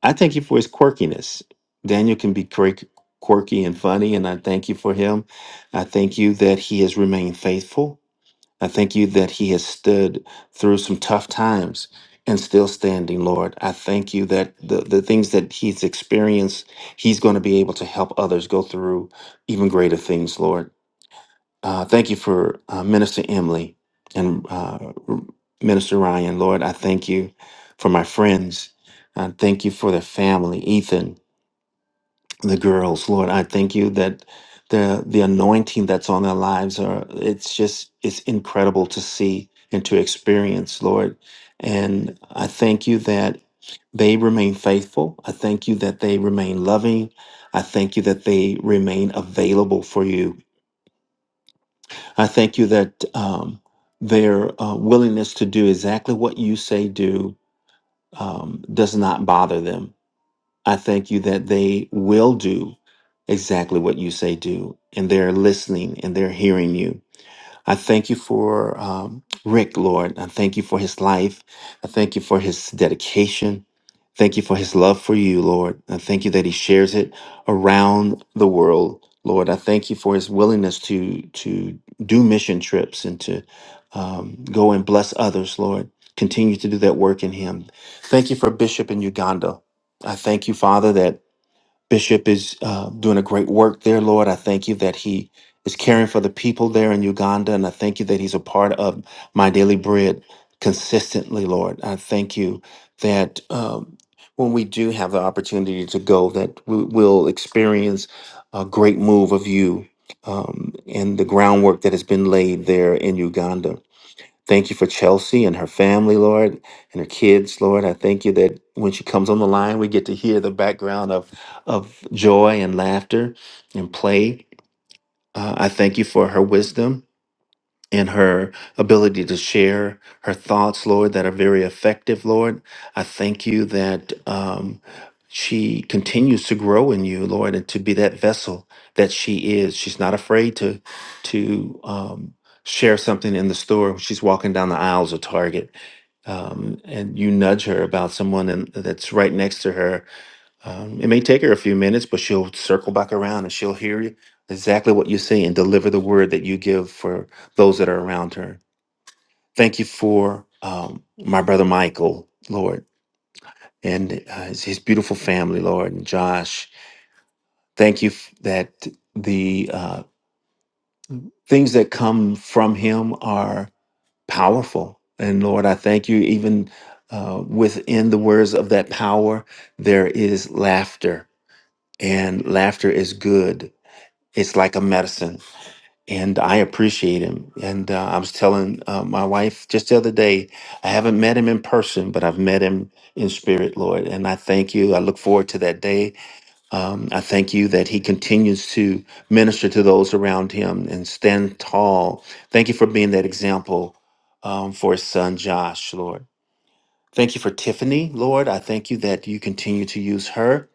Speaker 11: I thank you for his quirkiness. Daniel can be quirk- quirky and funny, and I thank you for him. I thank you that he has remained faithful I thank you that he has stood through some tough times and still standing, Lord. I thank you that the, the things that he's experienced, he's going to be able to help others go through even greater things, Lord. Uh, thank you for uh, Minister Emily and uh, Minister Ryan, Lord. I thank you for my friends. I thank you for their family, Ethan the girls, Lord. I thank you that the the anointing that's on their lives are it's just it's incredible to see and to experience, Lord. And I thank you that they remain faithful. I thank you that they remain loving. I thank you that they remain available for you. I thank you that um, their uh, willingness to do exactly what you say do um, does not bother them I thank you that they will do exactly what you say do, and they're listening and they're hearing you. I thank you for um, Rick, Lord. I thank you for his life. I thank you for his dedication. Thank you for his love for you, Lord. I thank you that he shares it around the world, Lord. I thank you for his willingness to to do mission trips and to um, go and bless others, Lord. Continue to do that work in him. Thank you for Bishop in Uganda. I thank you, Father, that Bishop is uh, doing a great work there, Lord. I thank you that he is caring for the people there in Uganda, and I thank you that he's a part of my daily bread consistently, Lord. I thank you that um, when we do have the opportunity to go, that we will experience a great move of you um, and the groundwork that has been laid there in Uganda. Thank you for Chelsea and her family, Lord, and her kids, Lord. I thank you that when she comes on the line, we get to hear the background of, of joy and laughter and play. Uh, I thank you for her wisdom in her ability to share her thoughts, Lord, that are very effective, Lord. I thank you that um, she continues to grow in you, Lord, and to be that vessel that she is. She's not afraid to to um, share something in the store. when She's walking down the aisles of Target, um, and you nudge her about someone in, that's right next to her, um, it may take her a few minutes, but she'll circle back around and she'll hear you exactly what you say and deliver the word that you give for those that are around her. Thank you for um, my brother Michael, Lord, and uh, his, his beautiful family, Lord, and Josh. Thank you f- that the uh, things that come from him are powerful. And Lord, I thank you even uh, within the words of that power, there is laughter, and laughter is good it's like a medicine and i appreciate him and uh, i was telling uh, my wife just the other day i haven't met him in person but i've met him in spirit lord and i thank you i look forward to that day um, i thank you that he continues to minister to those around him and stand tall thank you for being that example um, for his son josh lord thank you for tiffany lord i thank you that you continue to use her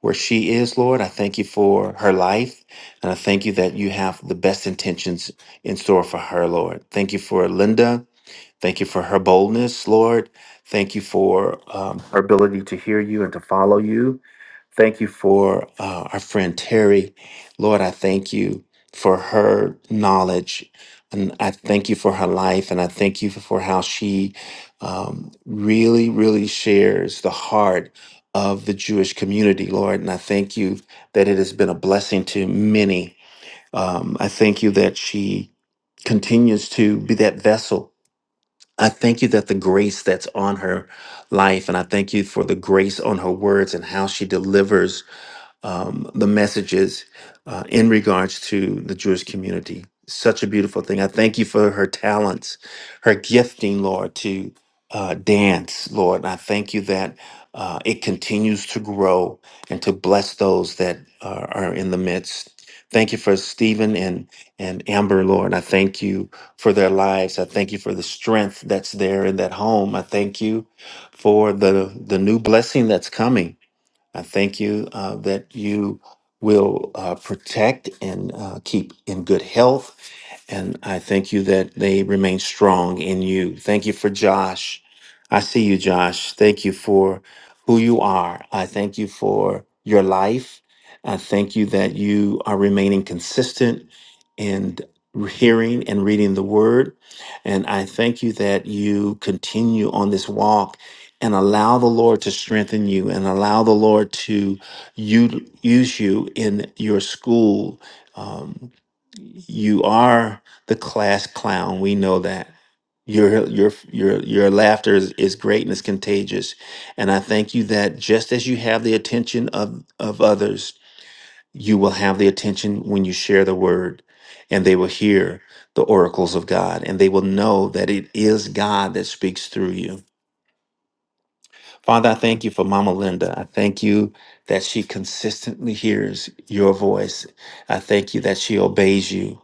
Speaker 11: where she is, Lord. I thank you for her life. And I thank you that you have the best intentions in store for her, Lord. Thank you for Linda. Thank you for her boldness, Lord. Thank you for um, her ability to hear you and to follow you. Thank you for uh, our friend Terry. Lord, I thank you for her knowledge. And I thank you for her life. And I thank you for how she um, really, really shares the heart of the Jewish community, Lord. And I thank you that it has been a blessing to many. Um, I thank you that she continues to be that vessel. I thank you that the grace that's on her life, and I thank you for the grace on her words and how she delivers um, the messages uh, in regards to the Jewish community. Such a beautiful thing. I thank you for her talents, her gifting, Lord, to uh, dance, Lord. And I thank you that uh, it continues to grow and to bless those that are, are in the midst. Thank you for Stephen and, and Amber, Lord. I thank you for their lives. I thank you for the strength that's there in that home. I thank you for the, the new blessing that's coming. I thank you uh, that you will uh, protect and uh, keep in good health and I thank you that they remain strong in you. Thank you for Josh. I see you, Josh. Thank you for who you are. I thank you for your life. I thank you that you are remaining consistent in hearing and reading the word. And I thank you that you continue on this walk and allow the Lord to strengthen you and allow the Lord to u- use you in your school. Um, you are the class clown. We know that. Your your your your laughter is, is great and it's contagious. And I thank you that just as you have the attention of, of others, you will have the attention when you share the word, and they will hear the oracles of God, and they will know that it is God that speaks through you. Father, I thank you for Mama Linda. I thank you that she consistently hears your voice. I thank you that she obeys you.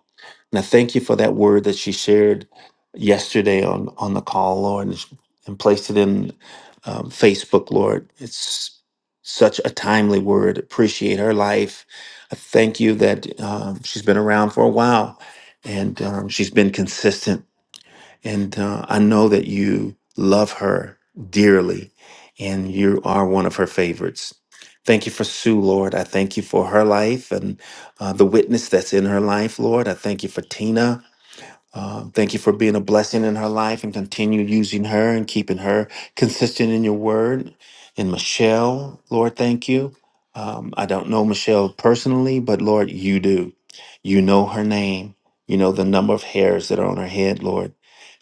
Speaker 11: And I thank you for that word that she shared yesterday on, on the call, Lord, and, and placed it in um, Facebook, Lord. It's such a timely word. Appreciate her life. I thank you that um, she's been around for a while and um, she's been consistent and uh, I know that you love her dearly and you are one of her favorites. Thank you for Sue, Lord. I thank you for her life and uh, the witness that's in her life, Lord. I thank you for Tina. Uh, thank you for being a blessing in her life and continue using her and keeping her consistent in your word. And Michelle, Lord, thank you. Um, I don't know Michelle personally, but Lord, you do. You know her name. You know the number of hairs that are on her head, Lord.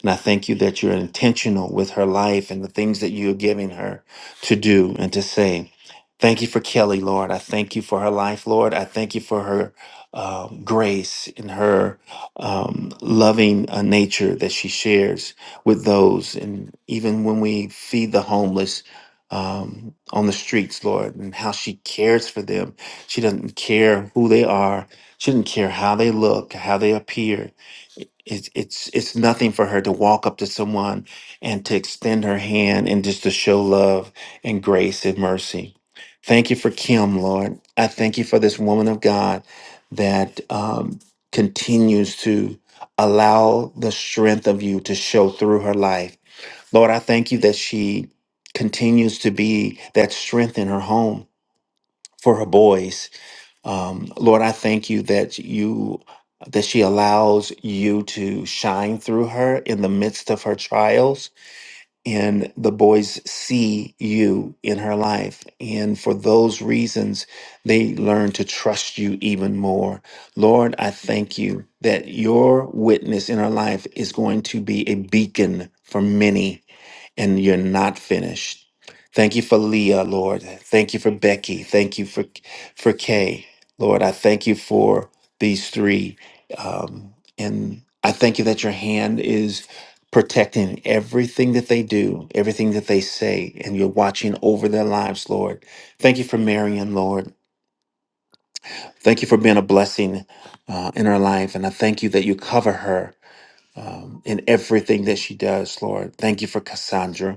Speaker 11: And I thank you that you're intentional with her life and the things that you're giving her to do and to say. Thank you for Kelly, Lord. I thank you for her life, Lord. I thank you for her uh, grace and her um, loving uh, nature that she shares with those. And even when we feed the homeless um, on the streets, Lord, and how she cares for them. She doesn't care who they are, she doesn't care how they look, how they appear it's it's it's nothing for her to walk up to someone and to extend her hand and just to show love and grace and mercy. Thank you for Kim, Lord. I thank you for this woman of God that um, continues to allow the strength of you to show through her life. Lord, I thank you that she continues to be that strength in her home for her boys um, Lord, I thank you that you that she allows you to shine through her in the midst of her trials, and the boys see you in her life, and for those reasons, they learn to trust you even more. Lord, I thank you that your witness in her life is going to be a beacon for many and you're not finished. Thank you for Leah, Lord. Thank you for Becky. Thank you for for Kay, Lord. I thank you for these three, um, and I thank you that your hand is protecting everything that they do, everything that they say, and you're watching over their lives, Lord. Thank you for Marion, Lord. Thank you for being a blessing uh, in her life, and I thank you that you cover her um, in everything that she does, Lord. Thank you for Cassandra.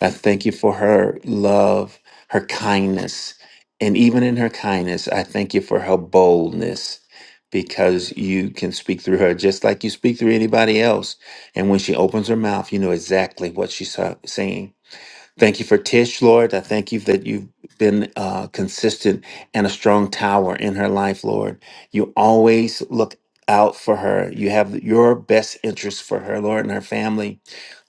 Speaker 11: I thank you for her love, her kindness. And even in her kindness, I thank you for her boldness because you can speak through her just like you speak through anybody else. And when she opens her mouth, you know exactly what she's sa- saying. Thank you for Tish, Lord. I thank you that you've been uh, consistent and a strong tower in her life, Lord. You always look out for her. You have your best interest for her, Lord, and her family.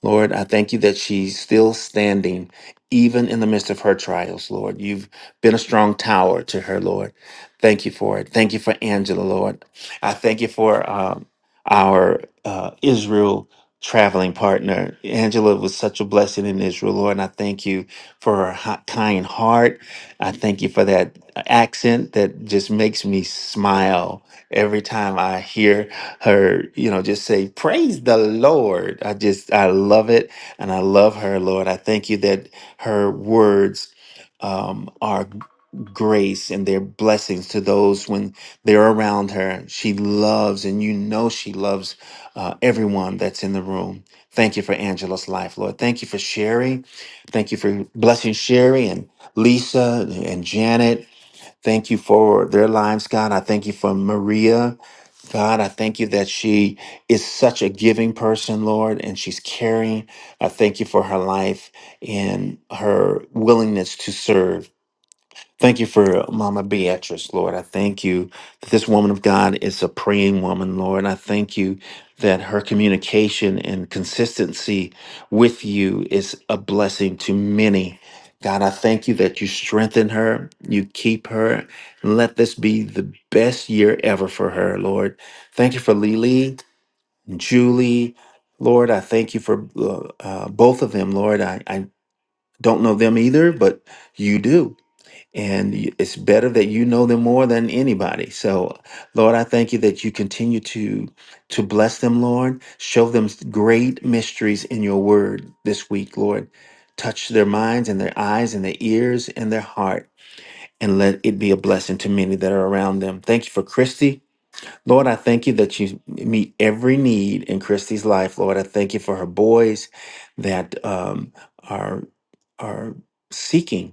Speaker 11: Lord, I thank you that she's still standing, even in the midst of her trials, Lord. You've been a strong tower to her, Lord. Thank you for it. Thank you for Angela, Lord. I thank you for um, our uh, Israel traveling partner. Angela was such a blessing in Israel, Lord, and I thank you for her hot, kind heart. I thank you for that accent that just makes me smile every time I hear her, you know, just say, Praise the Lord. I just, I love it and I love her, Lord. I thank you that her words um, are grace and their blessings to those when they're around her. She loves, and you know she loves uh, everyone that's in the room. Thank you for Angela's life, Lord. Thank you for Sherry. Thank you for blessing Sherry and Lisa and Janet. Thank you for their lives, God. I thank you for Maria. God, I thank you that she is such a giving person, Lord, and she's caring. I thank you for her life and her willingness to serve. Thank you for Mama Beatrice, Lord. I thank you that this woman of God is a praying woman, Lord. I thank you that her communication and consistency with you is a blessing to many. God, I thank you that you strengthen her, you keep her. and Let this be the best year ever for her, Lord. Thank you for Lily, Julie, Lord. I thank you for uh, uh, both of them, Lord. I, I don't know them either, but you do. And you- it's better that you know them more than anybody. So, Lord, I thank you that you continue to to bless them, Lord. Show them s- great mysteries in your word this week, Lord. Touch their minds and their eyes and their ears and their heart, and let it be a blessing to many that are around them. Thank you for Christy. Lord, I thank you that you meet every need in Christy's life, Lord. I thank you for her boys that um, are are seeking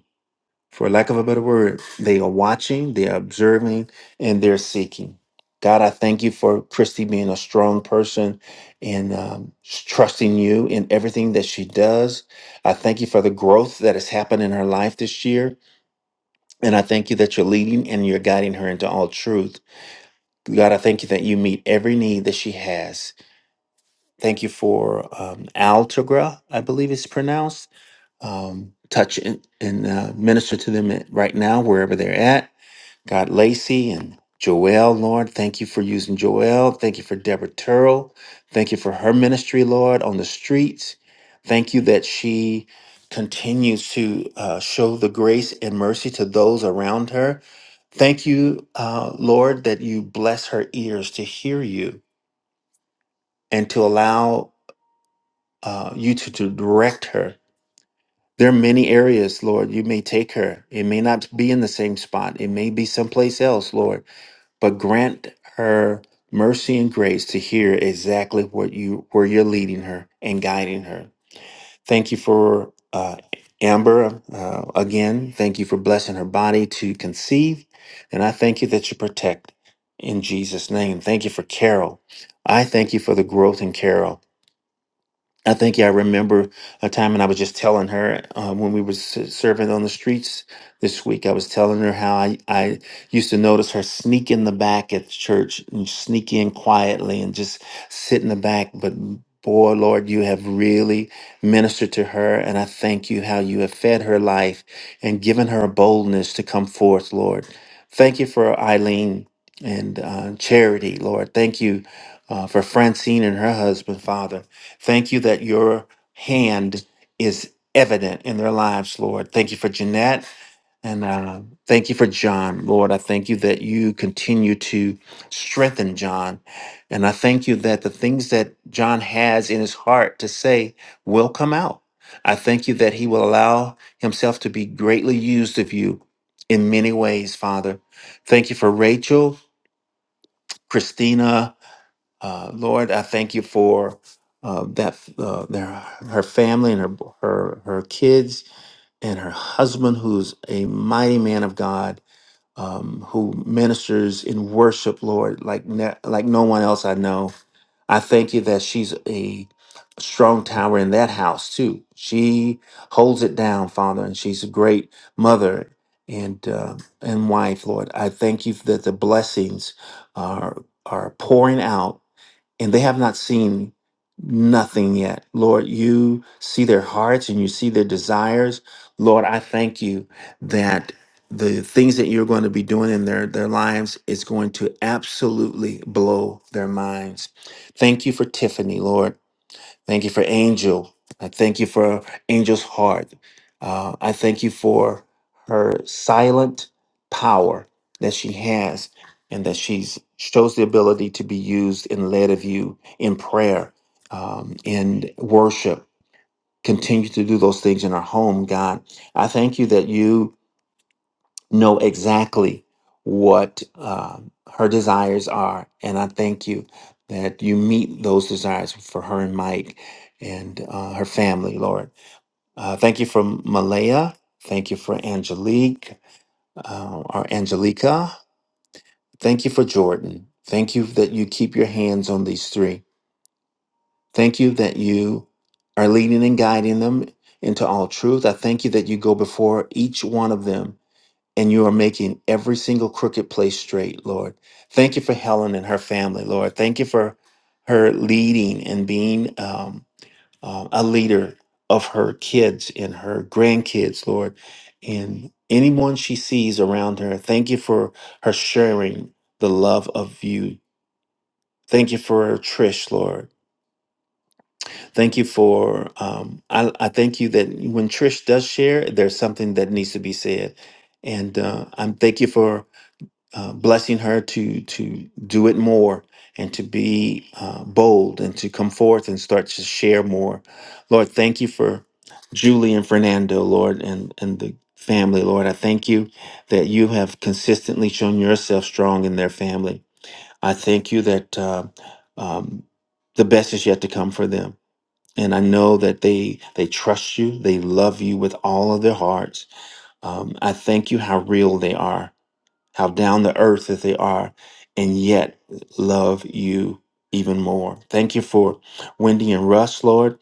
Speaker 11: for lack of a better word, they are watching, they are observing, and they're seeking. God, I thank you for Christy being a strong person and um, trusting you in everything that she does. I thank you for the growth that has happened in her life this year. And I thank you that you're leading and you're guiding her into all truth. God, I thank you that you meet every need that she has. Thank you for um, Altagra, I believe it's pronounced. Um, touch and, and uh, minister to them right now, wherever they're at. God Lacey and Joelle, Lord. Thank you for using Joelle. Thank you for Deborah Turrell. Thank you for her ministry, Lord, on the streets. Thank you that she continues to uh, show the grace and mercy to those around her. Thank you, uh, Lord, that you bless her ears to hear you and to allow uh, you to, to direct her. There are many areas, Lord, you may take her. It may not be in the same spot, it may be someplace else, Lord but grant her mercy and grace to hear exactly what you where you're leading her and guiding her. Thank you for uh, Amber uh, again. Thank you for blessing her body to conceive, and I thank you that you protect in Jesus' name. Thank you for Carol. I thank you for the growth in Carol. I think yeah, I remember a time, and I was just telling her um, when we were s- serving on the streets this week. I was telling her how I, I used to notice her sneak in the back at church and sneak in quietly and just sit in the back. But boy, Lord, you have really ministered to her, and I thank you how you have fed her life and given her a boldness to come forth, Lord. Thank you for Eileen and uh, Charity, Lord. Thank you uh, for Francine and her husband, Father. Thank you that your hand is evident in their lives, Lord. Thank you for Jeanette and uh, thank you for John, Lord. I thank you that you continue to strengthen John. And I thank you that the things that John has in his heart to say will come out. I thank you that he will allow himself to be greatly used of you in many ways, Father. Thank you for Rachel, Christina, uh, Lord, I thank you for uh, that uh, their, her family and her her her kids and her husband, who's a mighty man of God, um, who ministers in worship, Lord, like ne- like no one else I know. I thank you that she's a strong tower in that house too. She holds it down, Father, and she's a great mother and uh, and wife, Lord. I thank you that the blessings are are pouring out and they have not seen nothing yet. Lord, you see their hearts and you see their desires. Lord, I thank you that the things that you're going to be doing in their, their lives is going to absolutely blow their minds. Thank you for Tiffany, Lord. Thank you for Angel. I thank you for Angel's heart. Uh, I thank you for her silent power that she has and that she shows the ability to be used and led of you in prayer, um, in worship. Continue to do those things in our home, God. I thank you that you know exactly what um, her desires are. And I thank you that you meet those desires for her and Mike and uh, her family, Lord. Uh, thank you for Malaya. Thank you for Angelique uh, or Angelica. Thank you for Jordan. Thank you that you keep your hands on these three. Thank you that you are leading and guiding them into all truth. I thank you that you go before each one of them and you are making every single crooked place straight, Lord. Thank you for Helen and her family, Lord. Thank you for her leading and being um, um, a leader of her kids and her grandkids, Lord, and anyone she sees around her. Thank you for her sharing the love of you. Thank you for Trish, Lord. Thank you for, um, I, I thank you that when Trish does share, there's something that needs to be said. And uh, I'm thank you for uh, blessing her to to do it more and to be uh, bold and to come forth and start to share more. Lord, thank you for Julie and Fernando, Lord, and and the family, Lord. I thank you that you have consistently shown yourself strong in their family. I thank you that uh, um, the best is yet to come for them. And I know that they they trust you, they love you with all of their hearts. Um, I thank you how real they are how down the earth that they are, and yet love you even more. Thank you for Wendy and Russ, Lord.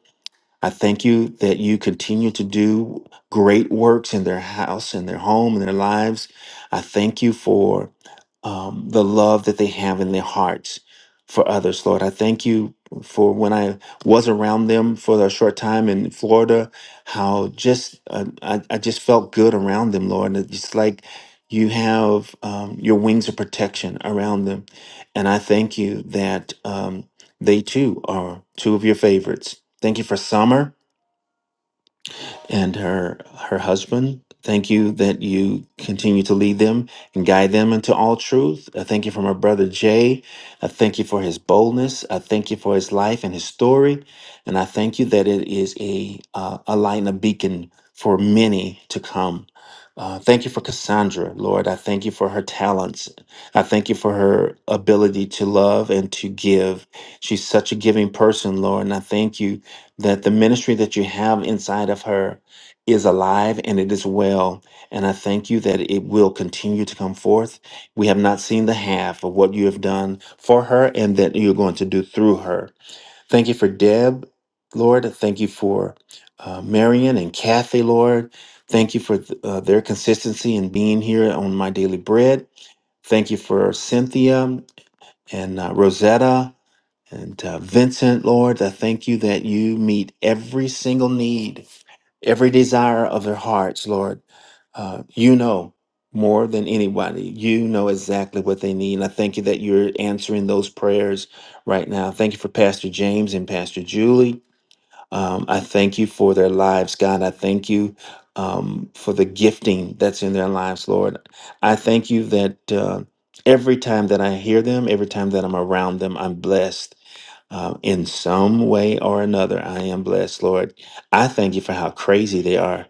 Speaker 11: I thank you that you continue to do great works in their house, in their home, in their lives. I thank you for um, the love that they have in their hearts for others, Lord. I thank you for when I was around them for a short time in Florida, how just uh, I, I just felt good around them, Lord. And it's just like you have um, your wings of protection around them. And I thank you that um, they too are two of your favorites Thank you for summer and her her husband. Thank you that you continue to lead them and guide them into all truth. I thank you for my brother Jay. I thank you for his boldness. I thank you for his life and his story, and I thank you that it is a uh, a light and a beacon for many to come. Uh, thank you for Cassandra, Lord. I thank you for her talents. I thank you for her ability to love and to give. She's such a giving person, Lord, and I thank you that the ministry that you have inside of her is alive and it is well. And I thank you that it will continue to come forth. We have not seen the half of what you have done for her and that you're going to do through her. Thank you for Deb, Lord. Thank you for uh, Marion and Kathy, Lord. Thank you for th- uh, their consistency in being here on My Daily Bread. Thank you for Cynthia and uh, Rosetta and uh, Vincent, Lord. I thank you that you meet every single need every desire of their hearts, Lord. Uh, you know more than anybody. You know exactly what they need. And I thank you that you're answering those prayers right now. Thank you for Pastor James and Pastor Julie. Um, I thank you for their lives, God. I thank you um, for the gifting that's in their lives, Lord. I thank you that uh, every time that I hear them, every time that I'm around them, I'm blessed um, in some way or another, I am blessed, Lord. I thank you for how crazy they are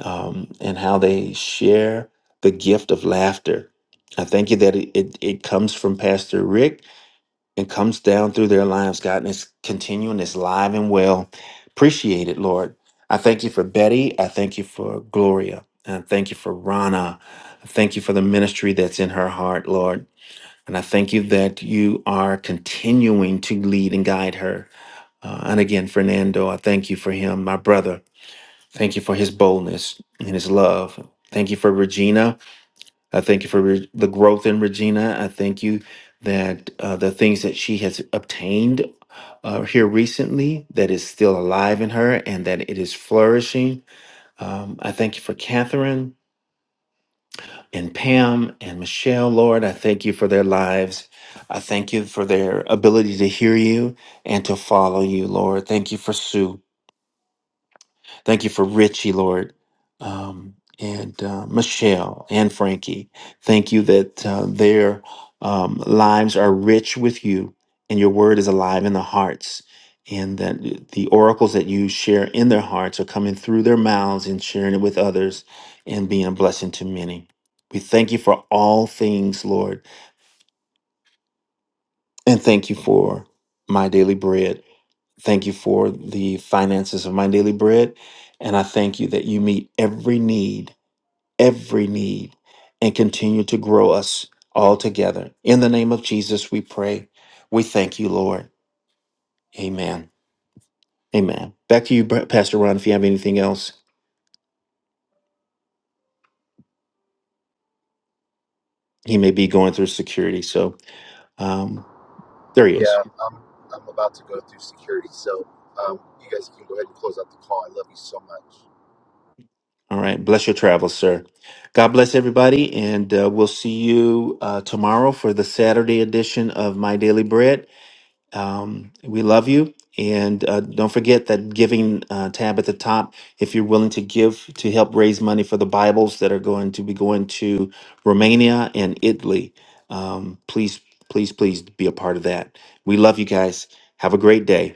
Speaker 11: um, and how they share the gift of laughter. I thank you that it, it, it comes from Pastor Rick and comes down through their lives, God, and it's continuing, it's live and well. Appreciate it, Lord. I thank you for Betty. I thank you for Gloria. And I thank you for Rana. I thank you for the ministry that's in her heart, Lord. And I thank you that you are continuing to lead and guide her. Uh, and again, Fernando, I thank you for him, my brother. Thank you for his boldness and his love. Thank you for Regina. I thank you for re- the growth in Regina. I thank you that uh, the things that she has obtained uh, here recently that is still alive in her and that it is flourishing. Um, I thank you for Catherine and Pam and Michelle, Lord. I thank you for their lives. I thank you for their ability to hear you and to follow you, Lord. Thank you for Sue. Thank you for Richie, Lord, um, and uh, Michelle and Frankie. Thank you that uh, their um, lives are rich with you, and your word is alive in the hearts, and that the oracles that you share in their hearts are coming through their mouths and sharing it with others and being a blessing to many. We thank you for all things, Lord, and thank you for my daily bread. Thank you for the finances of my daily bread. And I thank you that you meet every need, every need, and continue to grow us all together. In the name of Jesus, we pray. We thank you, Lord. Amen. Amen. Back to you, Pa- Pastor Ron, if you have anything else. He may be going through security. So um, there he is. All right. Bless your travels, sir. God bless everybody. And uh, we'll see you uh, tomorrow for the Saturday edition of My Daily Bread. Um, we love you. And uh, don't forget that giving uh, tab at the top, if you're willing to give to help raise money for the Bibles that are going to be going to Romania and Italy, um, please, please, please be a part of that. We love you guys. Have a great day.